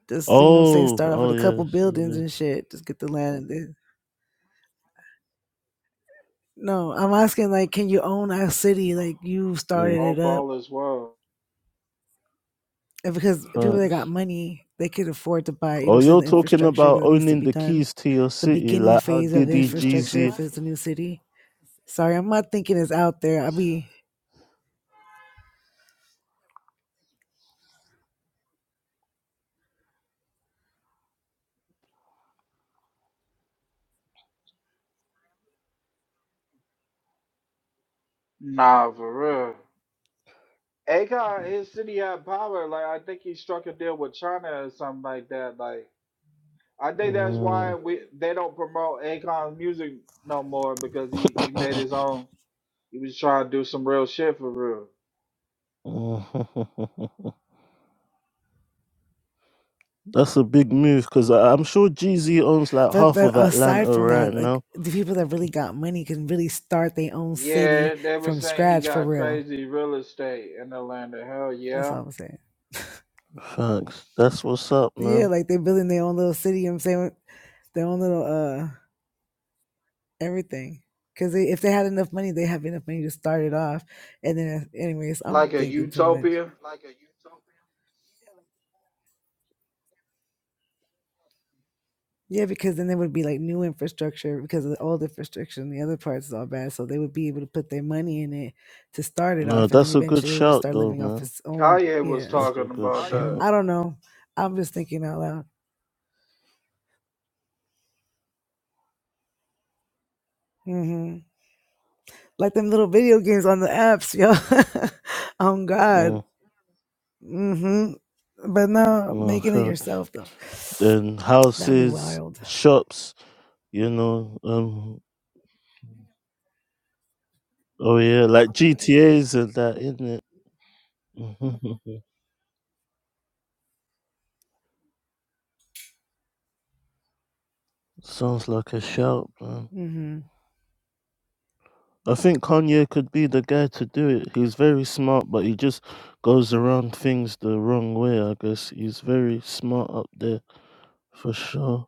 Just you know what I'm saying, Oh, start off with oh a couple buildings yes, and shit. Just get the land and then no, I'm asking like can you own a city like you started yeah. it Hope up? all is well. And because people that got money, they could afford to buy, you Oh, know what I'm saying, you're the talking infrastructure about that needs to owning be the done. keys to your The city, beginning like how phase of the Diddy, infrastructure Jeezy. if it's a new city. Sorry, I'm not thinking it's out there. I be nah, for real. Akon, his city had power. Like I think he struck a deal with China or something like that. Like I think that's why Mm, we they don't promote Akon's music no more because he he made his own. He was trying to do some real shit for real. mm. That's a big move because I'm sure Jeezy owns like half of Atlanta right now. Yeah, they were saying he got crazy real estate in Atlanta. Hell yeah. Thanks. That's what's up, man. like a utopia. No, that's a good shout, though, man. Kanye was That's a talking good about that. shout. Mm, no, thanks. Then houses, shops, you know, um, oh yeah, like GTAs and that, isn't it? Sounds like a shout, man. I think Kanye could be the guy to do it. He's very smart, but he just goes around things the wrong way, I guess. He's very smart up there for sure.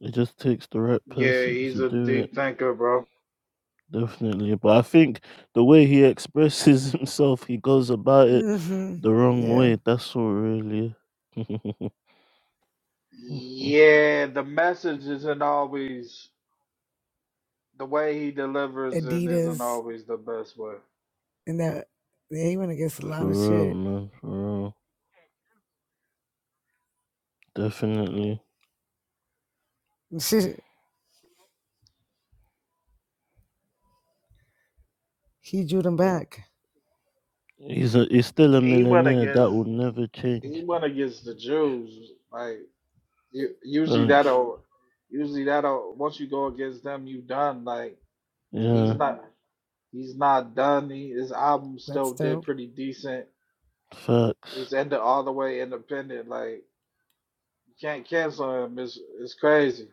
It just takes the right Yeah, person he's to a do it, deep thinker, bro. definitely. But I think the way he expresses himself, he goes about it the wrong way. That's all, really. for Yeah, the message isn't always the way he delivers it isn't always the best way. real, man. For real. Definitely. He drew them back. He's a, he's still a He went millionaire. That against will never he change. went against the Jews. Like u- usually Thanks. that'll usually that'll once you go against them, you done. Like he's Yeah. not he's not done. He, his album still did pretty decent. Facts. He's ended all the way independent. Like Can't cancel him. It's, it's crazy.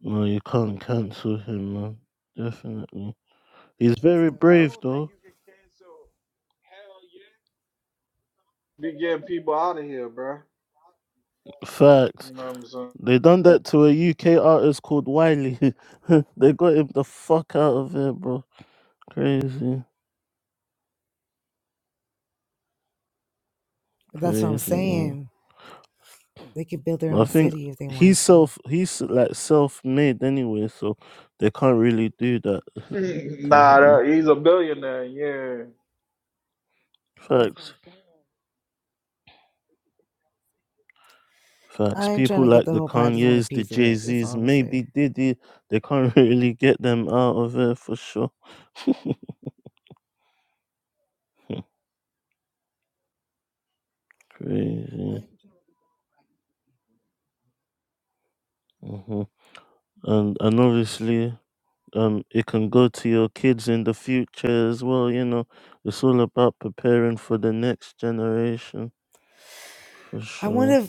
No, you can't cancel him, man. Definitely. He's very brave, though. Be getting people out of here, bro. You Facts. know what They done that to a UK artist called Wiley. they got him the fuck out of here, bro. Crazy, crazy, man. But I think he's self, he's like self-made anyway, so they can't really do that I'm saying? to nah, him. that, he's a billionaire. Yeah. Facts. Facts. I ain't trying People to get like the the whole pie. I just want a Kanye's, the piece of Jay it. That's all Z's, I'm gonna maybe say. Diddy, they can't really get them out of it for sure. Crazy. hmm And and obviously, um, it can go to your kids in the future as well. You know, it's all about preparing for the next generation for sure.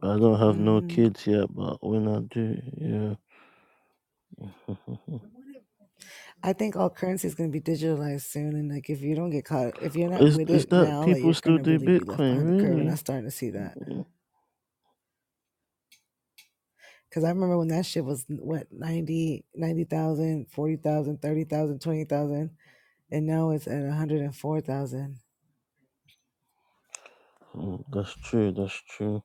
I don't have no kids yet, but when I do, yeah. is is that people still do Bitcoin really? Mm, That's true. That's true.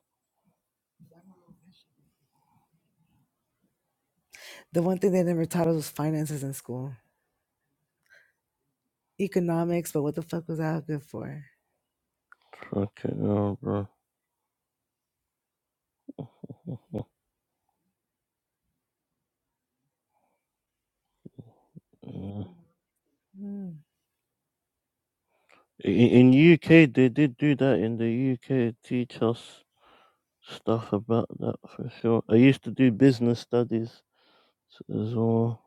How good for? it. Fucking hell, bro. In, Mm. in UK, they did do that. In the UK, teach us stuff about that for sure. I used to do business studies as well,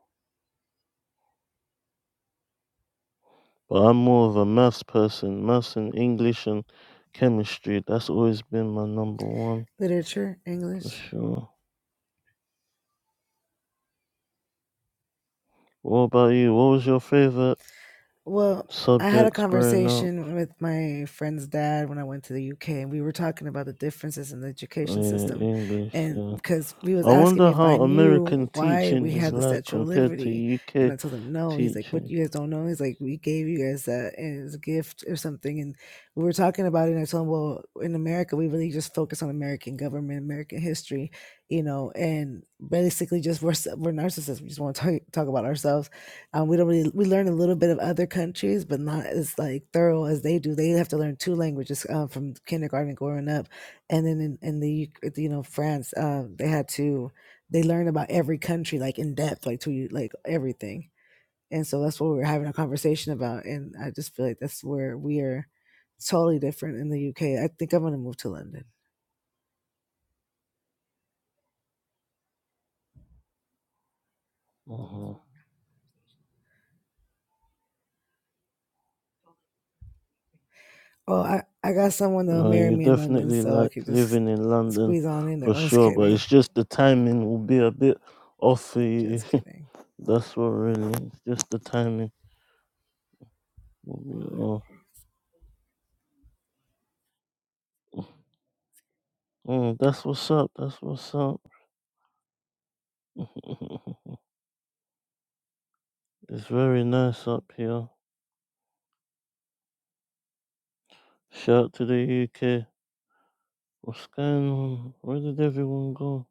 but I'm more of a maths person. Maths and English and chemistry. That's always been my number one for sure. What about you? What was your favorite subjects growing up? Oh, yeah, English. Yeah. I wonder how American teaching is like compared to UK teaching. hmm No, you definitely like Just living in London squeeze. for sure, but it's just the timing will be a bit off for you. that's what really, it's just the timing will be off. Mm, that's what's up. That's what's up. it's very nice up here. Shout out to the UK. What's going on? Where did everyone go?